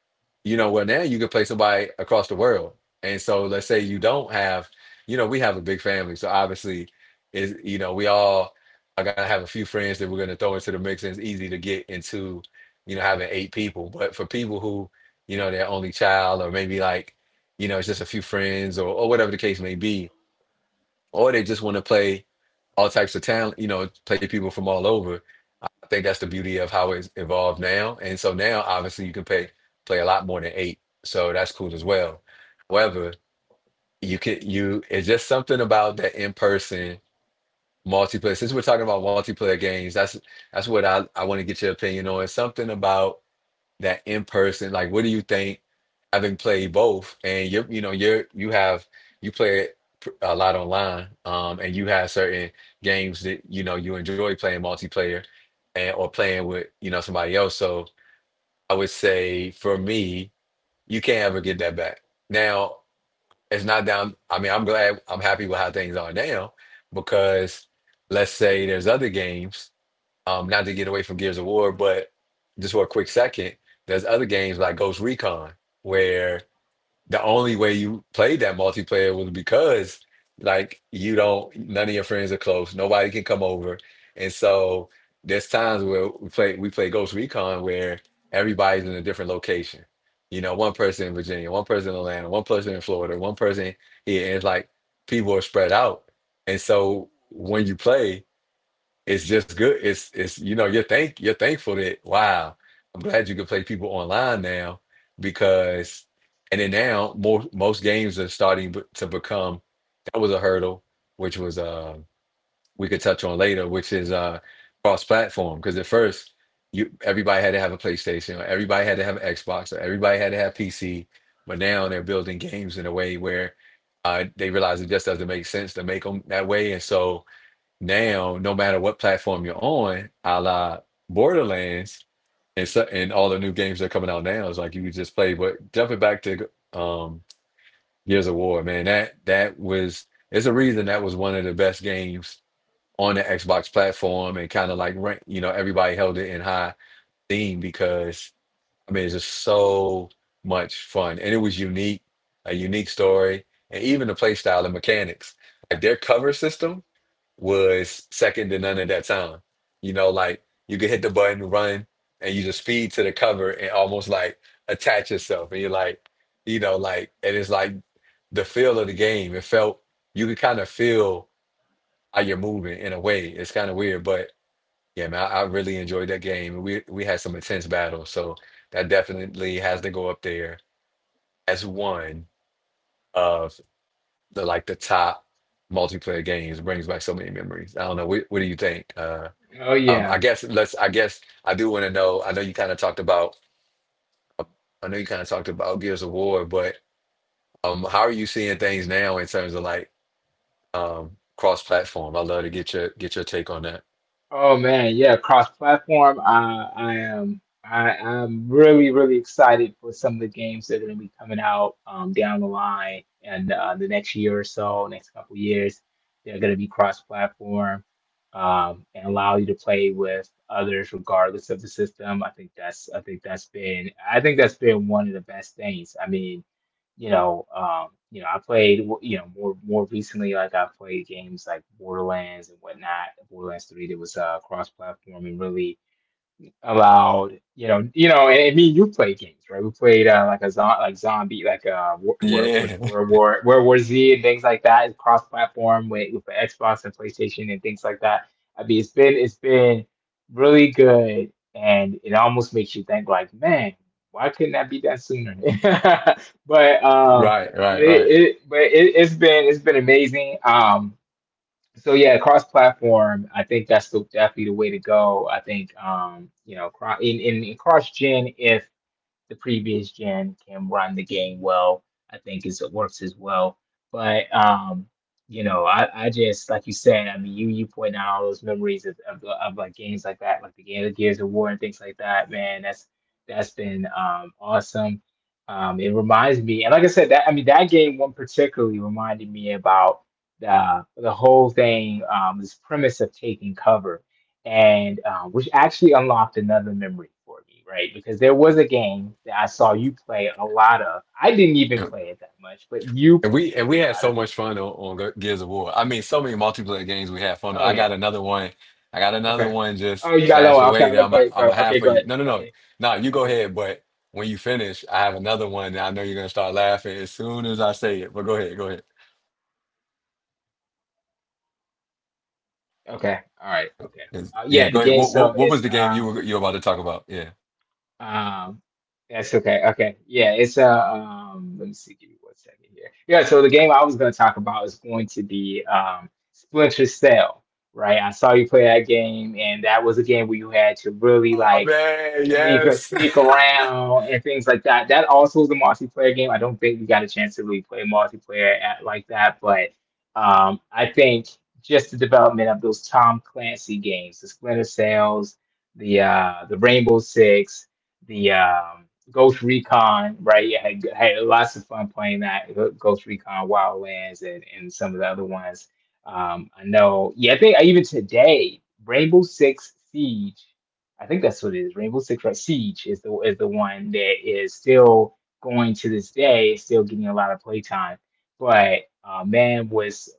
Speaker 2: you know, well, now you can play somebody across the world. And so let's say you don't have, you know, we have a big family. So obviously, is you know, we all are gonna have a few friends that we're gonna throw into the mix. And it's easy to get into, you know, having eight people. But for people who, you know, their only child, or maybe like, you know, it's just a few friends, or whatever the case may be, or they just want to play all types of talent, you know, play people from all over. I think that's the beauty of how it's evolved now. And so now, obviously, you can pay play a lot more than eight, so that's cool as well. However, you can you it's just something about that in person multiplayer. Since we're talking about multiplayer games, that's what I want to get your opinion on. Something about that in person, like, what do you think, having played both, and you know you're you have you play a lot online, and you have certain games that you know you enjoy playing multiplayer, and or playing with you know somebody else. So I would say for me, you can't ever get that back now. It's not down, I mean, I'm glad, I'm happy with how things are now because let's say there's other games, not to get away from Gears of War, but just for a quick second, there's other games like Ghost Recon where the only way you played that multiplayer was because like you don't none of your friends are close, nobody can come over. And so there's times where we play Ghost Recon where everybody's in a different location. You know, one person in Virginia, one person in Atlanta, one person in Florida, one person here, and it's like people are spread out. And so when you play, it's just good. It's you know you're thank you're thankful that wow, I'm glad you can play people online now because and then now most games are starting to become, that was a hurdle, which was we could touch on later, which is cross platform, because at first you everybody had to have a PlayStation, or everybody had to have an Xbox, or everybody had to have PC. But now they're building games in a way where they realize it just doesn't make sense to make them that way. And so now, no matter what platform you're on, a la Borderlands, and so, and all the new games that are coming out now, it's like you could just play. But jumping back to Gears of War, man, that was, it's a reason that was one of the best games on the Xbox platform, and kind of like you know everybody held it in high theme because I mean it's just so much fun, and it was unique, a unique story, and even the play style and mechanics, like their cover system was second to none at that time. You know, like you could hit the button, run, and use a speed to the cover and almost like attach yourself. And you're like, you know, like, and it's like the feel of the game. It felt, you could kind of feel how you're moving in a way. It's kind of weird, but yeah, man, I really enjoyed that game. We had some intense battles, so that definitely has to go up there as one of the like the top multiplayer games. Brings back so many memories. I don't know. What do you think?
Speaker 1: Oh
Speaker 2: I
Speaker 1: yeah.
Speaker 2: guess let's. I guess I do want to know. I know you kind of talked about Gears of War, but how are you seeing things now in terms of like cross-platform? I'd love to get your take on that.
Speaker 1: Oh man, yeah, cross-platform. I am, I am really really excited for some of the games that are going to be coming out down the line and the next year or so, next couple years. They're going to be cross-platform and allow you to play with others regardless of the system. I think that's, I think that's been, I think that's been one of the best things. I mean, I played, more more recently, like I played games like Borderlands and whatnot. Borderlands 3, that was cross-platform and really allowed, and me and you played games, right, we played like like zombie like where was
Speaker 2: Yeah.
Speaker 1: it, World War Z and things like that. It's cross platform with the Xbox and PlayStation and things like that. I mean it's been, it's been really good and it almost makes you think like, man, why couldn't that be done sooner? But um,
Speaker 2: Right,
Speaker 1: but it,
Speaker 2: right.
Speaker 1: it but it, it's been, it's been amazing. Um, so yeah, cross platform, I think that's the, definitely the way to go. I think you know, cross in cross gen, the previous gen can run the game well. I think it's, it works as well. But you know, I just like you said. I mean, you point out all those memories of like games like that, like the game of Gears of War and things like that. Man, that's been awesome. It reminds me, and like I said, that, I mean that game one particularly reminded me about the whole thing, this premise of taking cover and which actually unlocked another memory for me, right? Because there was a game that I saw you play a lot of. I didn't even play it that much, but you
Speaker 2: And
Speaker 1: played
Speaker 2: we
Speaker 1: a
Speaker 2: had
Speaker 1: lot
Speaker 2: so
Speaker 1: of it.
Speaker 2: much fun on Gears of War. I mean, so many multiplayer games we had fun on.
Speaker 1: Oh
Speaker 2: I
Speaker 1: yeah.
Speaker 2: got another one. I got another
Speaker 1: Okay.
Speaker 2: one
Speaker 1: Oh,
Speaker 2: just
Speaker 1: you got
Speaker 2: stashed
Speaker 1: lower.
Speaker 2: away
Speaker 1: Okay,
Speaker 2: that
Speaker 1: look great.
Speaker 2: I'm
Speaker 1: Go,
Speaker 2: a half
Speaker 1: okay,
Speaker 2: for
Speaker 1: go
Speaker 2: you.
Speaker 1: ahead.
Speaker 2: No,
Speaker 1: Okay,
Speaker 2: no. You go
Speaker 1: okay,
Speaker 2: ahead, but when you finish, I have another one that I know you're gonna start laughing as soon as I say it. But go ahead, go ahead.
Speaker 1: okay. All right. Okay.
Speaker 2: 'Cause- Yeah,
Speaker 1: Yeah, the
Speaker 2: go ahead.
Speaker 1: game.
Speaker 2: What what
Speaker 1: So
Speaker 2: what was
Speaker 1: it's
Speaker 2: the game you were about to talk about? Yeah.
Speaker 1: Um, that's okay. Okay. Yeah, it's a let me see, give me one second here. Yeah, so the game I was gonna talk about is going to be Splinter Cell, right? I saw you play that game and that was a game where you had to really
Speaker 2: Oh
Speaker 1: like
Speaker 2: man,
Speaker 1: sneak
Speaker 2: yes.
Speaker 1: sneak around and things like that. That also was a multiplayer game. I don't think we got a chance to really play multiplayer at, like that, but I think just the development of those Tom Clancy games, the Splinter Cells, the Rainbow Six, the Ghost Recon, right? Yeah, had, had lots of fun playing that Ghost Recon Wildlands and some of the other ones. I know, yeah, I think even today, Rainbow Six Siege, I think that's what it is. Rainbow Six, right, Siege is the one that is still going to this day, still getting a lot of playtime. But man, was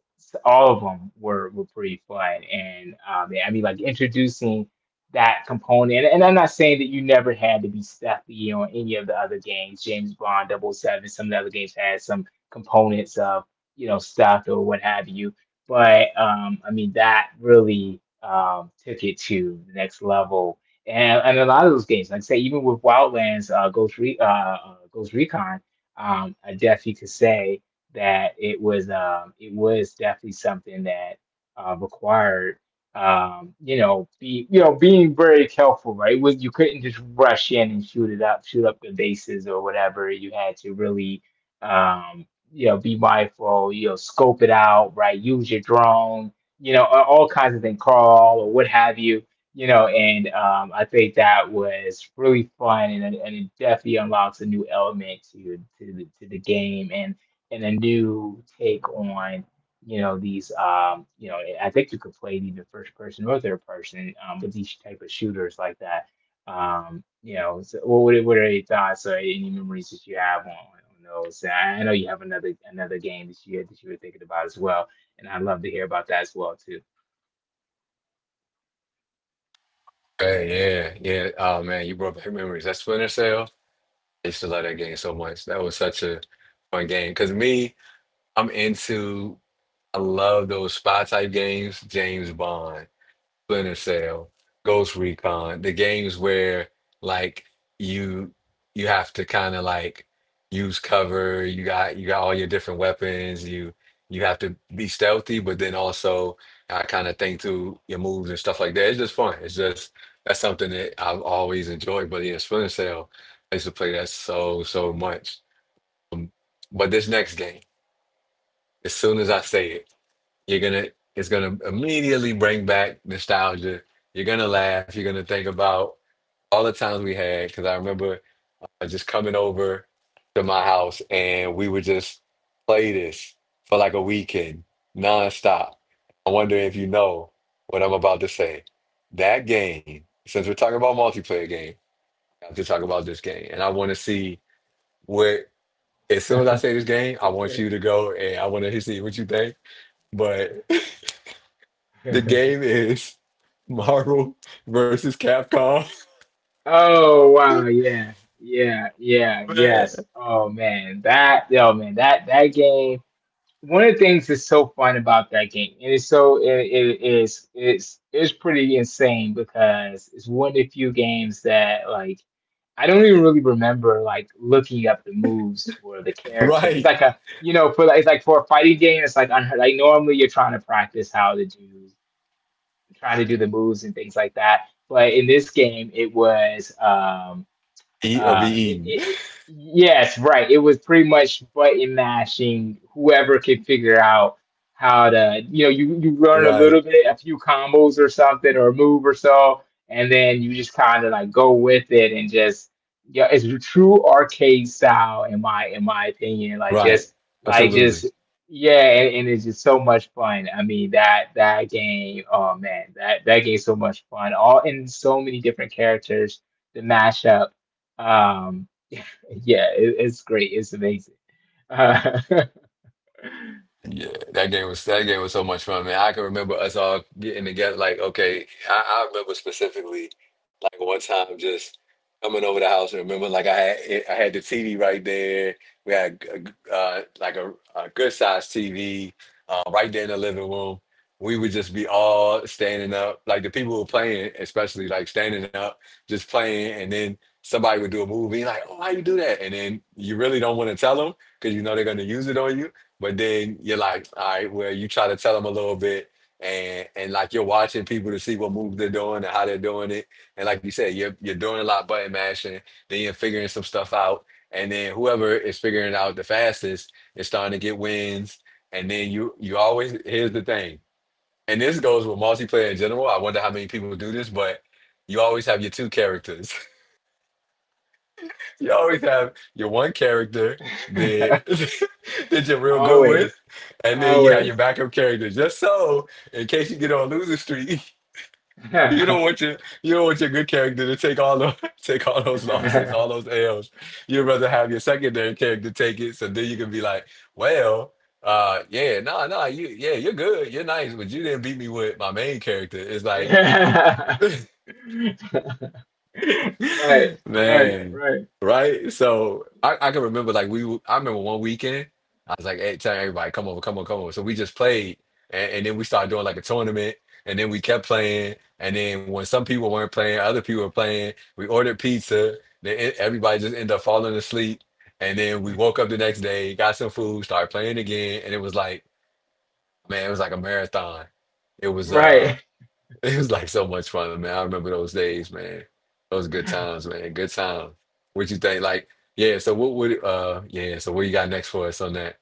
Speaker 1: all of them were pretty fun, and I mean, like introducing that component. And I'm not saying that you never had to be stealthy on any of the other games. James Bond double oh 007, some of the other games had some components of, you know, stealth or what have you. But I mean, that really took it to the next level. And a lot of those games, like I say, even with Wildlands, Ghost Recon, I definitely could say that it was definitely something that required you know, being very careful, right? With, you couldn't just rush in and shoot it up, shoot up the bases or whatever. You had to really, um, you know, be mindful. You know, scope it out, right? Use your drone, you know, all kinds of things, crawl or what have you, you know. And I think that was really fun, and it definitely unlocks a new element to the game, and a new take on, you know, these um, you know, I think you could play it either first person or third person with each type of shooters like that. Um, you know, so what are your thoughts or any memories that you have on those? I know you have another another game that you were thinking about as well, and I'd love to hear about that as well too.
Speaker 2: Hey, yeah, yeah. Oh man, you brought back memories. That Splinter Cell. I used to love that game so much. That was such a fun game. Cause me. I'm into, I love those spy type games, James Bond, Splinter Cell, Ghost Recon, the games where like you you have to kind of like use cover, you got all your different weapons, you have to be stealthy, but then also I kind of think through your moves and stuff like that. It's just fun. It's just that's something that I've always enjoyed. But yeah, Splinter Cell, I used to play that so, so much. Um, but this next game, as soon as I say it, you're gonna it's gonna immediately bring back nostalgia. You're gonna laugh. You're gonna think about all the times we had because I remember just coming over to my house, and we would just play this for like a weekend nonstop. I wonder if you know what I'm about to say. That game, since we're talking about multiplayer game, I have to talk about this game. And I want to see what. As soon as I say this game, I want
Speaker 1: Okay.
Speaker 2: you to go, and I want to see what you think. But. The game is Marvel versus Capcom.
Speaker 1: Oh wow, yeah. Yeah yeah,
Speaker 2: Man.
Speaker 1: yes, oh man that, yo man, that that game, one of the things that's so fun about that game, and it's so it is it's pretty insane because it's one of the few games that like I don't even really remember like looking up the moves for the character. It's
Speaker 2: Right.
Speaker 1: like a you know, for like, it's like for a fighting game, it's like unheard. Like normally you're trying to practice how to do, trying to do the moves and things like that. But in this game, it was
Speaker 2: Eat or be
Speaker 1: it,
Speaker 2: eaten.
Speaker 1: it, it, yes, right. It was pretty much button mashing, whoever could figure out how to, you know, you learn a little
Speaker 2: Right.
Speaker 1: bit, a few combos or something, or a move or so, and then you just kind of like go with it and just, yeah, it's a true arcade style in my, in my opinion. Like
Speaker 2: Right.
Speaker 1: just, like
Speaker 2: Absolutely.
Speaker 1: just, yeah, and it's just so much fun. I mean that that game, oh man, that that game's so much fun. All in so many different characters, the mashup. Um, yeah, it, it's great. It's amazing. Uh,
Speaker 2: Yeah, that game was so much fun, man. I can remember us all getting together. Like, okay, I remember specifically, like one time, just coming over the house and remember, like I had the TV right there. We had like a good sized TV right there in the living room. We would just be all standing up, like the people who were playing, especially like standing up, just playing, and then somebody would do a move, being like, "Oh, how you do that?" And then you really don't want to tell them because you know they're going to use it on you. But then you're like, all right, well, you try to tell them a little bit, and like you're watching people to see what moves they're doing and how they're doing it, and like you said, you're doing a lot of button mashing, then you're figuring some stuff out, and then whoever is figuring it out the fastest is starting to get wins, and then you always, here's the thing, and this goes with multiplayer in general. I wonder how many people do this, but you always have your two characters. You always have your one character that that you're real good with,
Speaker 1: always,
Speaker 2: and then you have your
Speaker 1: always.
Speaker 2: backup character just so in case you get on losing streak. You don't want your you don't want your good character to take all the take all those losses, all those L's. You'd rather have your secondary character take it, so then you can be like, well. Yeah, you yeah, you're good, you're nice, but you didn't beat me with my main character. It's like
Speaker 1: Right, right,
Speaker 2: Man,
Speaker 1: right,
Speaker 2: right? So I can remember like I remember one weekend I was like, hey, telling everybody come over, come over, come over. So we just played and then we started doing like a tournament and then we kept playing and then when some people weren't playing, other people were playing, we ordered pizza, then everybody just ended up falling asleep and then we woke up the next day, got some food, started playing again and it was like man, it was like a marathon. It was
Speaker 1: right.
Speaker 2: It was like so much fun, man. I remember those days, man. Those good times, man. Good times. What you think? Like, yeah, so what would yeah, so what you got next for us on that?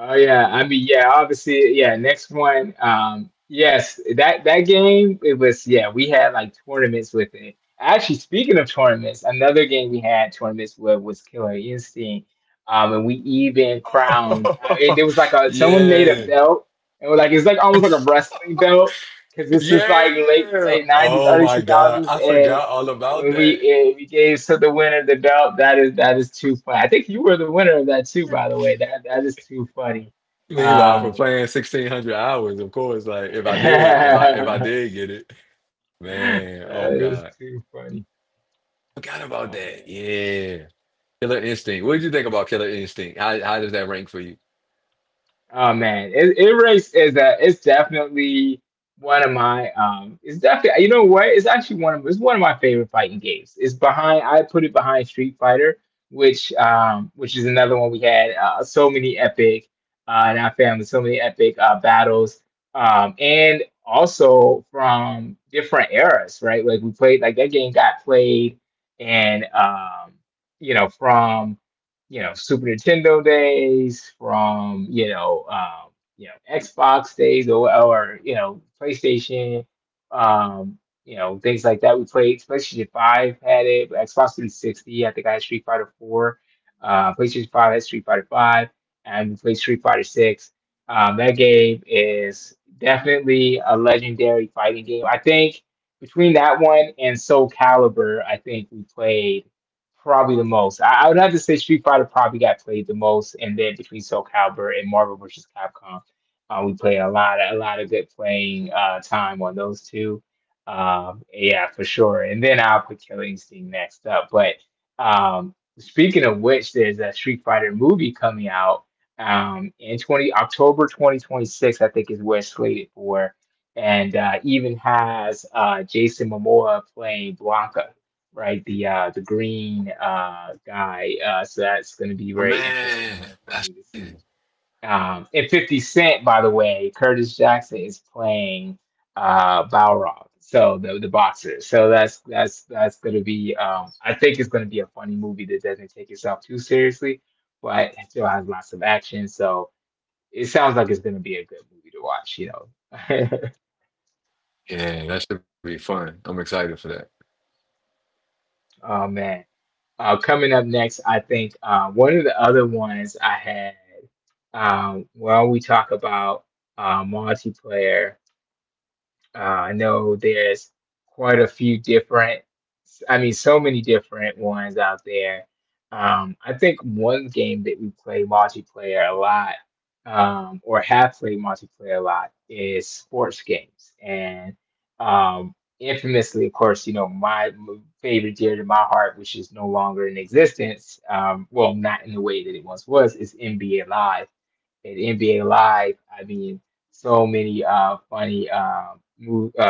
Speaker 1: Oh yeah, I mean yeah, obviously yeah. Next one, yes, that that game, it was, yeah. We had like tournaments with it. Actually, speaking of tournaments, another game we had tournaments with was Killer Instinct, and we even crowned. It was like a someone made a
Speaker 2: Yeah.
Speaker 1: belt, and we're like it's like almost like a wrestling belt because this is
Speaker 2: Yeah.
Speaker 1: like late nineties,
Speaker 2: Oh
Speaker 1: early
Speaker 2: my
Speaker 1: two
Speaker 2: God. I
Speaker 1: thousands,
Speaker 2: forgot
Speaker 1: and
Speaker 2: all about
Speaker 1: when
Speaker 2: that.
Speaker 1: we gave so the winner the belt. That is too funny. I think you were the winner of that too, by the way. That is too funny.
Speaker 2: Meanwhile, for
Speaker 1: Um,
Speaker 2: playing 1600 hours, of course, like if I
Speaker 1: that
Speaker 2: did get it, man, oh God.
Speaker 1: is too funny.
Speaker 2: Forgot about
Speaker 1: Oh
Speaker 2: that.
Speaker 1: man.
Speaker 2: Yeah. Killer Instinct. What did you think about Killer Instinct? How does that rank for you?
Speaker 1: Oh man, it race is a it's definitely one of my it's definitely you know what it's one of my favorite fighting games. It's behind I put it behind Street Fighter, which is another one we had so many epic in our family, so many epic battles and also from different eras, right, like we played, like that game got played. And from Super Nintendo days, from Xbox days, or PlayStation, um, things like that. We played PlayStation Five, had it, Xbox 360. I think I had Street Fighter 4. PlayStation 5 had Street Fighter 5, and we played Street Fighter 6. That game is definitely a legendary fighting game. I think between that one and Soul Calibur, I think we played probably the most. I would have to say Street Fighter probably got played the most, and then between Soul Calibur and Marvel vs. Capcom, we played a lot of good playing time on those two. Yeah, for sure. And then I'll put Killer Instinct next up. But um, speaking of which, there's a Street Fighter movie coming out in twenty October 2026, I think, is where it's slated for, and even has Jason Momoa playing Blanca, right? The green guy. So that's gonna be
Speaker 2: Oh,
Speaker 1: very interesting
Speaker 2: man.
Speaker 1: and funny to see. And 50 Cent, by the way, Curtis Jackson, is playing Balrog, so the boxer. So that's gonna be I think it's gonna be a funny movie that doesn't take itself too seriously, but it still has lots of action. So it sounds like it's gonna be a good movie to watch.
Speaker 2: Yeah, that should be fun. I'm excited for that.
Speaker 1: Oh man. Coming up next, I think one of the other ones I had, while we talk about multiplayer. I know there's quite a few different. I mean, so many different ones out there. I think one game that we play multiplayer a lot, or have played multiplayer a lot, is sports games. And um, infamously, of course, my favorite, dear to my heart, which is no longer in existence, well, not in the way that it once was, is NBA Live. At NBA Live, I mean, so many funny, uh, move, uh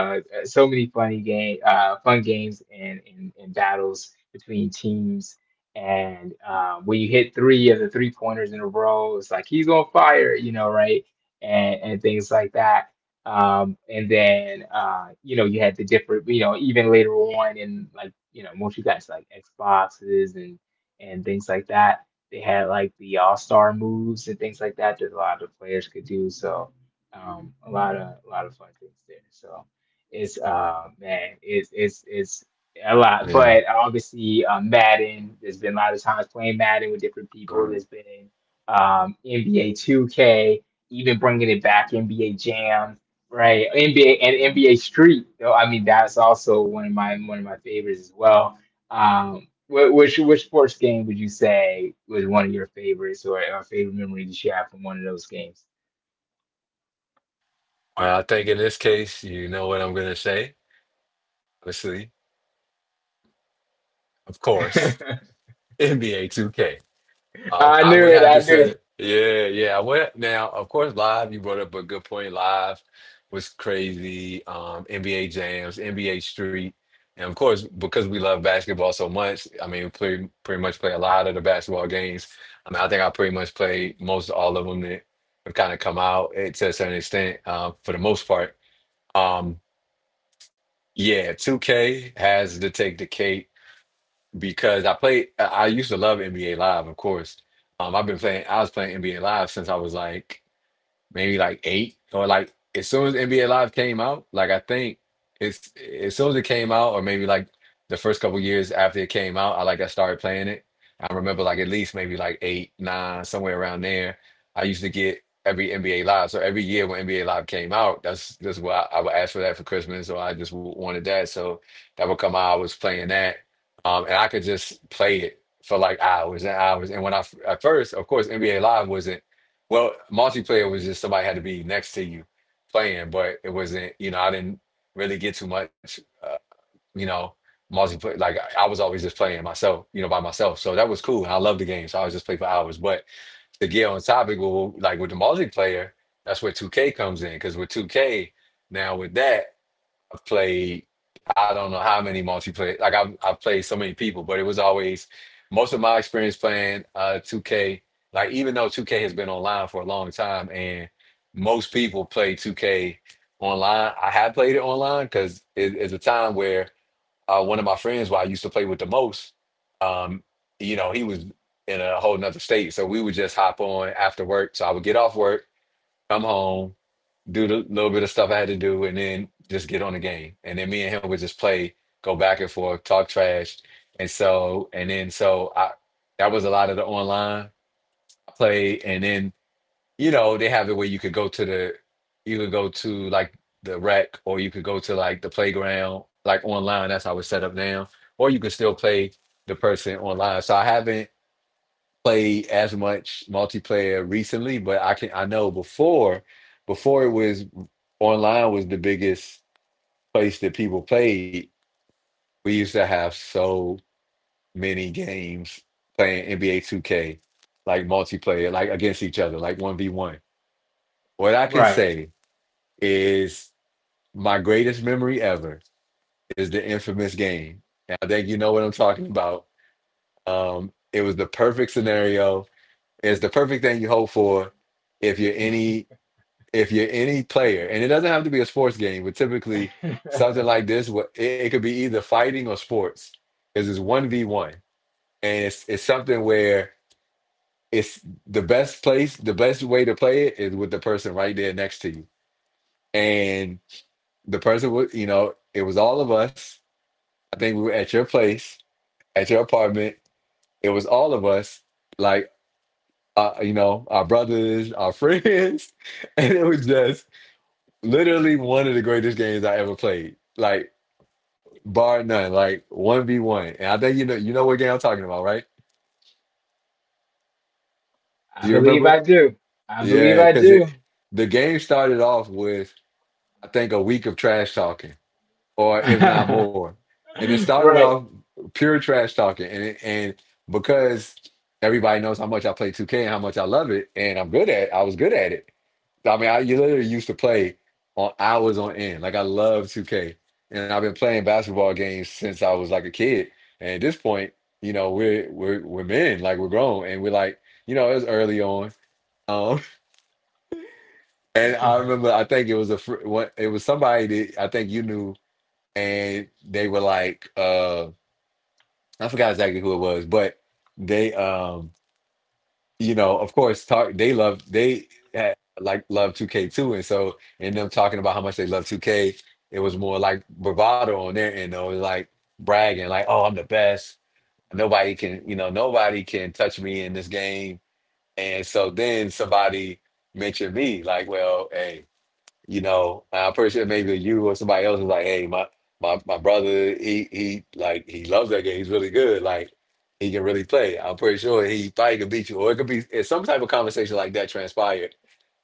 Speaker 1: uh, so many funny game fun games and and battles between teams. And when you hit three of the three pointers in a row, it's like he's on fire, right? And things like that. And then you had the different, even later on in, like, once you got to like Xboxes and things like that, they had like the All Star moves and things like that that a lot of the players could do. So a lot of, a lot of fun things there. So, it's a lot.
Speaker 2: Yeah.
Speaker 1: But obviously, Madden, there's been a lot of times playing Madden with different people.
Speaker 2: Um,
Speaker 1: There's been, NBA 2K, even bringing it back, NBA Jam. Right, NBA and NBA Street, though. I mean, that's also one of my favorites as well. Which sports game would you say was one of your favorites, or favorite memories that you have from one of those games?
Speaker 2: well, I think in this case, you know what I'm going to say. Obviously, of course,
Speaker 1: I
Speaker 2: NBA 2K.
Speaker 1: knew
Speaker 2: I would
Speaker 1: it.
Speaker 2: have
Speaker 1: I
Speaker 2: to
Speaker 1: knew it.
Speaker 2: say, yeah, yeah. I would now, of course, live. You brought up a good point. Live was crazy. NBA jams, NBA street, and of course, because we love basketball so much, I mean, we pretty much play a lot of the basketball games. I mean, I think I pretty much played most all of them that have kind of come out to a certain extent, for the most part. Um, yeah, 2K has to take the cake because I played. I used to love NBA Live, of course. I've been playing. I was playing NBA Live since I was like maybe like eight or like as soon as NBA Live came out, like I think it's as soon as it came out, or maybe like the first couple years after it came out, I started playing it. I remember like at least maybe like eight, nine, somewhere around there. I used to get every NBA Live. So every year when NBA Live came out, that's why I would ask for that for Christmas, or I just wanted that. So that would come out. I was playing that, and I could just play it for like hours and hours. And when at first, of course, NBA Live wasn't, well, multiplayer was just somebody had to be next to you playing, but it wasn't, you know, I didn't really get too much, you know, multiplayer. Like I was always just playing myself, you know, by myself. So that was cool. And I loved the game. So I was just play for hours. But to get on topic, well, like with the multiplayer, that's where 2K comes in. Because with 2K, now with that, I've played, I don't know how many multiplayer, like I've played so many people, but it was always most of my experience playing 2K, like even though 2K has been online for a long time and most people play 2K online. I had played it online because it is a time where one of my friends who I used to play with the most, um, you know, he was in a whole nother state. So we would just hop on after work. So I would get off work, come home, do the little bit of stuff I had to do, and then just get on the game. And then me and him would just play, go back and forth, talk trash, and so and then so I that was a lot of the online play. And then you know they have it where you could go to the, you could go to like the rec or you could go to like the playground, like online. That's how it's set up now. Or you can still play the person online. So I haven't play as much multiplayer recently, but I know before, it was online was the biggest place that people played. We used to have so many games playing NBA 2K, like multiplayer, like against each other, like 1v1. What I can
Speaker 1: Right.
Speaker 2: say is my greatest memory ever is the infamous game. And I think you know what I'm talking about. It was the perfect
Speaker 1: Mhm.
Speaker 2: scenario. It's the perfect thing you hope for if you're any, player, and it doesn't have to be a sports game, but typically something like this, it could be either fighting or sports, because it's one v one, and it's something where it's the best place, the best way to play it is with the person right there next to you, and the person was, you know, it was all of us. I think we were at your place, at your apartment. It was all of us, like you know, our brothers, our friends, and it was just literally one of the greatest games I ever played. Like bar none. Like one v one. And I think you know what game I'm talking about, right?
Speaker 1: I
Speaker 2: Do you
Speaker 1: believe
Speaker 2: remember?
Speaker 1: I
Speaker 2: It?
Speaker 1: do. I believe
Speaker 2: Yeah,
Speaker 1: I
Speaker 2: because
Speaker 1: do.
Speaker 2: it the game started off with I think a week of trash talking, or if not more. And it started off
Speaker 1: Right.
Speaker 2: pure trash talking, and because everybody knows how much I play 2K and how much I love it, and I was good at it. I mean, I, you literally used to play on hours on end. Like I love 2K, and I've been playing basketball games since I was like a kid. And at this point, you know, we're men, like we're grown, and we're like, you know, it was early on. Um, and I remember, I think it was a it was somebody that I think you knew, and they were like, I forgot exactly who it was, but they you know, of course, talk. They love they had, like, love 2K k too, and so in them talking about how much they love 2K, it was more like bravado on their end, though, like bragging, like, "Oh, I'm the best. Nobody can, you know, nobody can touch me in this game." And so then somebody mentioned me, like, "Well, hey." You know, and I'm pretty sure maybe you or somebody else was like, "Hey, my brother, he like he loves that game. He's really good. Like he can really play. I'm pretty sure he probably could beat you," or it could be, it's some type of conversation like that transpired,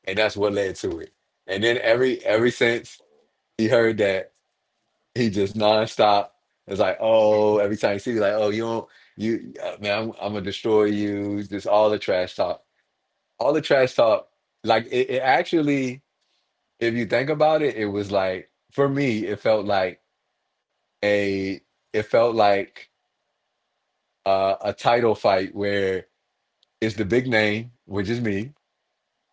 Speaker 2: and that's what led to it. And then every since he heard that, he just nonstop is like, "Oh, every time he see you, like, oh, you don't you man, I'm gonna destroy you." Just all the trash talk, all the trash talk. Like it actually if you think about it, it was like for me, it felt like a it felt like a title fight where it's the big name, which is me,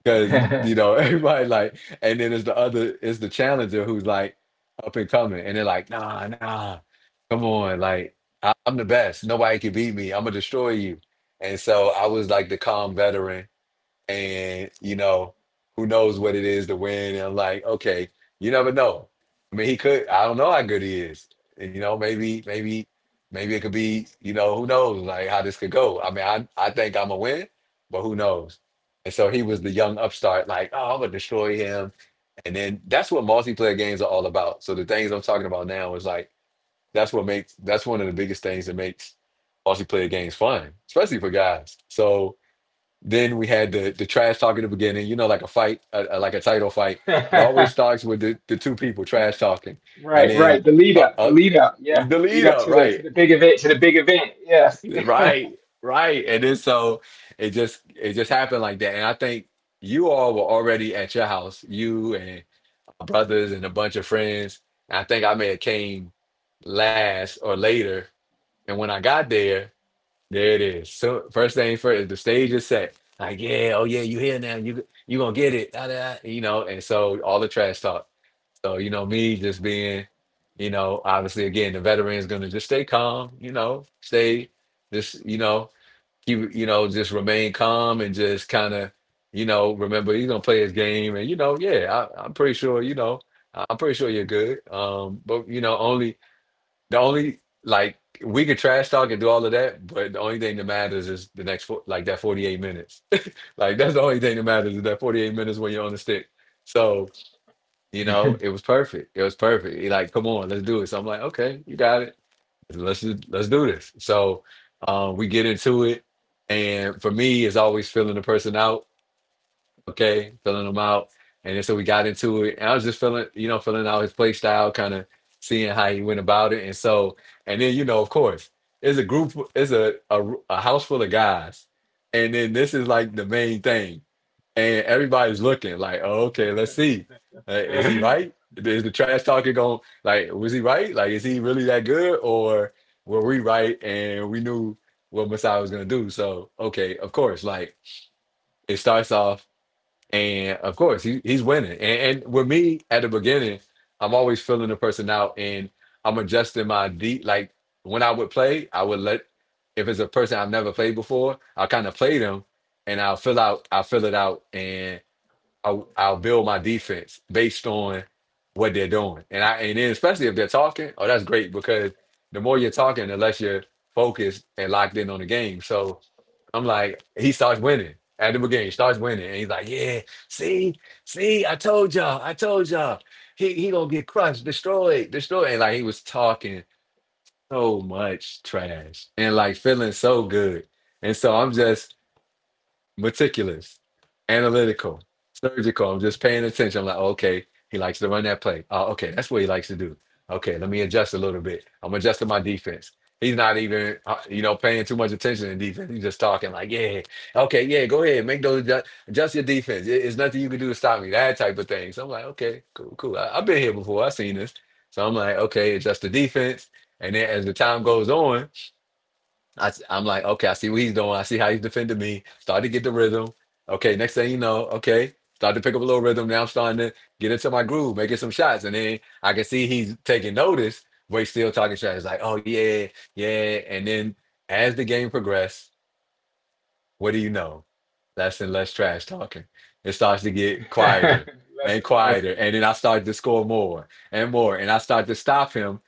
Speaker 2: because you know everybody like, and then it's the other, it's the challenger who's like up and coming, and they're like, nah, nah, come on, like I'm the best, nobody can beat me, I'm gonna destroy you. And so I was like the calm veteran, and you know, who knows what it is to win. And like, okay, you never know. I mean, he could, I don't know how good he is. You know, maybe maybe it could be, you know, who knows like how this could go. I mean, I think I'm a win, but who knows. And so he was the young upstart like, oh, I'm gonna destroy him. And then that's what multiplayer games are all about. So the things I'm talking about now is like, that's what makes, that's one of the biggest things that makes multiplayer games fun, especially for guys. So then we had the trash talk at the beginning, you know, like a fight, like a title fight. It always starts with the two people trash talking, and
Speaker 1: Right,
Speaker 2: then
Speaker 1: right.
Speaker 2: uh,
Speaker 1: The
Speaker 2: uh,
Speaker 1: lead up, yeah.
Speaker 2: the lead
Speaker 1: Lead up
Speaker 2: up,
Speaker 1: to the
Speaker 2: right,
Speaker 1: to the big event, to the big event, yes.
Speaker 2: right, right. And then so it just happened like that. And I think you all were already at your house, you and my brothers and a bunch of friends. I think I may have came last or later, and when I got there. There it is. So first thing first, the stage is set. Like, yeah, oh yeah, you here now. You gonna get it. Da, da, da, you know, and so all the trash talk. So, you know, me just being, you know, obviously again, the veteran is gonna just stay calm, you know, stay, just, you know, keep, you know, just remain calm and just kinda, you know, remember he's gonna play his game. And you know, yeah, I'm pretty sure, you know, I'm pretty sure you're good. But you know, only the only like, we could trash talk and do all of that, but the only thing that matters is the next four, like that 48 minutes. Like that's the only thing that matters is that 48 minutes when you're on the stick. So, you know, it was perfect. It was perfect. He like, come on, let's do it. So I'm like, okay, you got it. Let's let's do this. So we get into it. And for me, it's always filling the person out, okay, filling him out. And then so we got into it. And I was just feeling, you know, filling out his play style, kind of seeing how he went about it. And so, and then, you know, of course, it's a group, it's a house full of guys. And then this is like the main thing. And everybody's looking like, oh, okay, let's see. Is he right? Is the trash talking going, like, was he right? Like, is he really that good? Or were we right? And we knew what Masai was going to do. So, okay, of course, like, it starts off. And of course, he's winning. And with me at the beginning, I'm always filling the person out. And I'm adjusting my D. Like when I would play, I would let, if it's a person I've never played before, I'll kind of play them, and I'll fill it out, and I'll build my defense based on what they're doing. And and then especially if they're talking, oh, that's great because the more you're talking, the less you're focused and locked in on the game. So, I'm like, he starts winning at the beginning. He starts winning, and he's like, "Yeah, see, see, I told y'all, he gonna get crushed, destroyed, destroyed." And like he was talking so much trash and like feeling so good, and so I'm just meticulous, analytical, surgical. I'm just paying attention. I'm like, okay, he likes to run that play. Oh, okay, that's what he likes to do. Okay, let me adjust a little bit. I'm adjusting my defense. He's not even, you know, paying too much attention to defense. He's just talking like, yeah, okay, yeah, go ahead, make those adjust your defense. It's nothing you can do to stop me. That type of thing. So I'm like, okay, cool, cool. I've been here before. I've seen this. So I'm like, okay, adjust the defense. And then as the time goes on, am like, okay, I see what he's doing. I see how he's defending me. Start to get the rhythm. Okay, next thing you know, okay, start to pick up a little rhythm. Now I'm starting to get into my groove, making some shots. And then I can see he's taking notice, but he's still talking shots. It's like, oh, yeah, yeah. And then as the game progressed, what do you know? Less and less trash talking. It starts to get quieter
Speaker 1: Less
Speaker 2: and
Speaker 1: and
Speaker 2: quieter. And then I start to score more and more. And I start to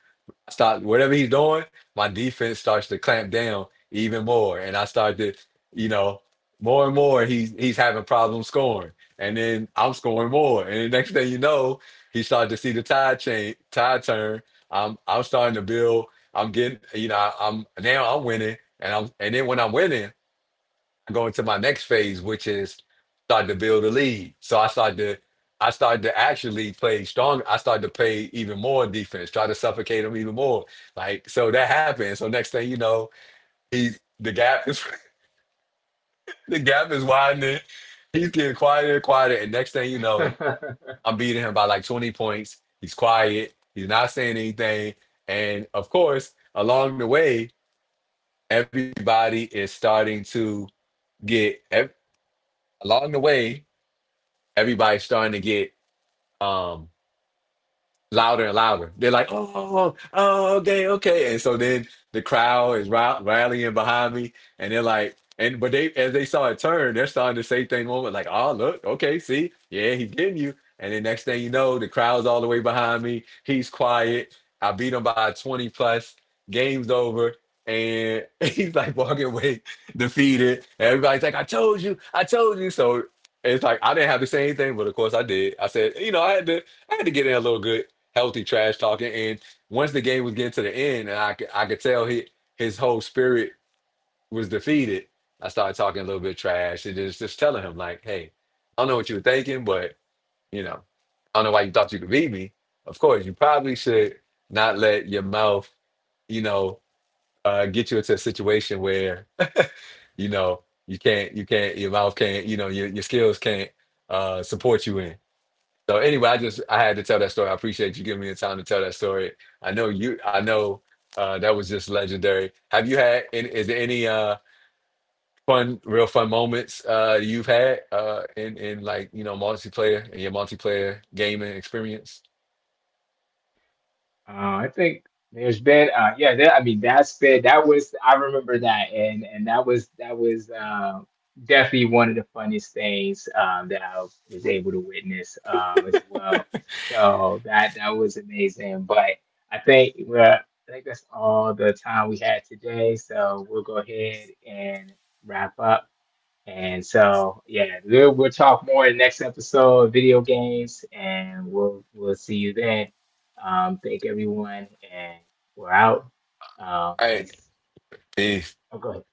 Speaker 2: stop whatever he's doing, my defense starts to clamp down even more. And I start to, you know, more and more he's having problems scoring. And then I'm scoring more. And the next thing you know, he started to see the tide change tide turn. I'm starting to build. I'm getting, you know, I'm, now I'm winning. And then when I'm winning, I go into my next phase, which is start to build a lead. So I started to actually play strong. I started to play even more defense, try to suffocate him even more. Like so that happened. So next thing you know, he's the gap is the gap is widening. He's getting quieter and quieter. And next thing you know,
Speaker 1: less.
Speaker 2: I'm beating him by like 20 points. He's quiet. He's not saying anything. And of course, along the way, everybody is starting to get ev- along the way Everybody's starting to get um louder and louder. They're like, oh, oh, okay, okay. And so then the crowd is rallying behind me, and they're like, and but they as they saw it turn, they're starting to say things moment like, oh, look, okay, see, yeah, he's getting you. And then next thing you know, the crowd's all the way behind me. He's quiet. I beat him by 20 plus. Game's over. And he's like walking away defeated. Everybody's like, I told you, I told you. So it's like I didn't have to say anything, but of course I did. I said, you know, I had to get in a little good healthy trash talking. And once the game was getting to the end, and I could tell his whole spirit was defeated, I started talking a little bit trash and just telling him, like, hey, I don't know what you were thinking, but, you know, I don't know why you thought you could beat me. Of course, you probably should not let your mouth, you know, get you into a situation where, you know, you can't, your mouth can't, you know, your skills can't support you in. So anyway, I had to tell that story. I appreciate you giving me the time to tell that story. I know you. I know, that was just legendary. Have you had? Any, is there any fun, real fun moments you've had in like, you know, multiplayer in your multiplayer gaming experience?
Speaker 1: I think there's been, yeah, I mean that's been, that was I remember that, and that was definitely one of the funniest things, that I was able to witness, as well. So that was amazing. But I think that's all the time we had today. So we'll go ahead and wrap up. And so, yeah, we'll talk more in the next episode of video games, and we'll see you then. Thank everyone, and we're out.
Speaker 2: All right,
Speaker 1: Peace.
Speaker 2: peace.
Speaker 1: Oh, go ahead.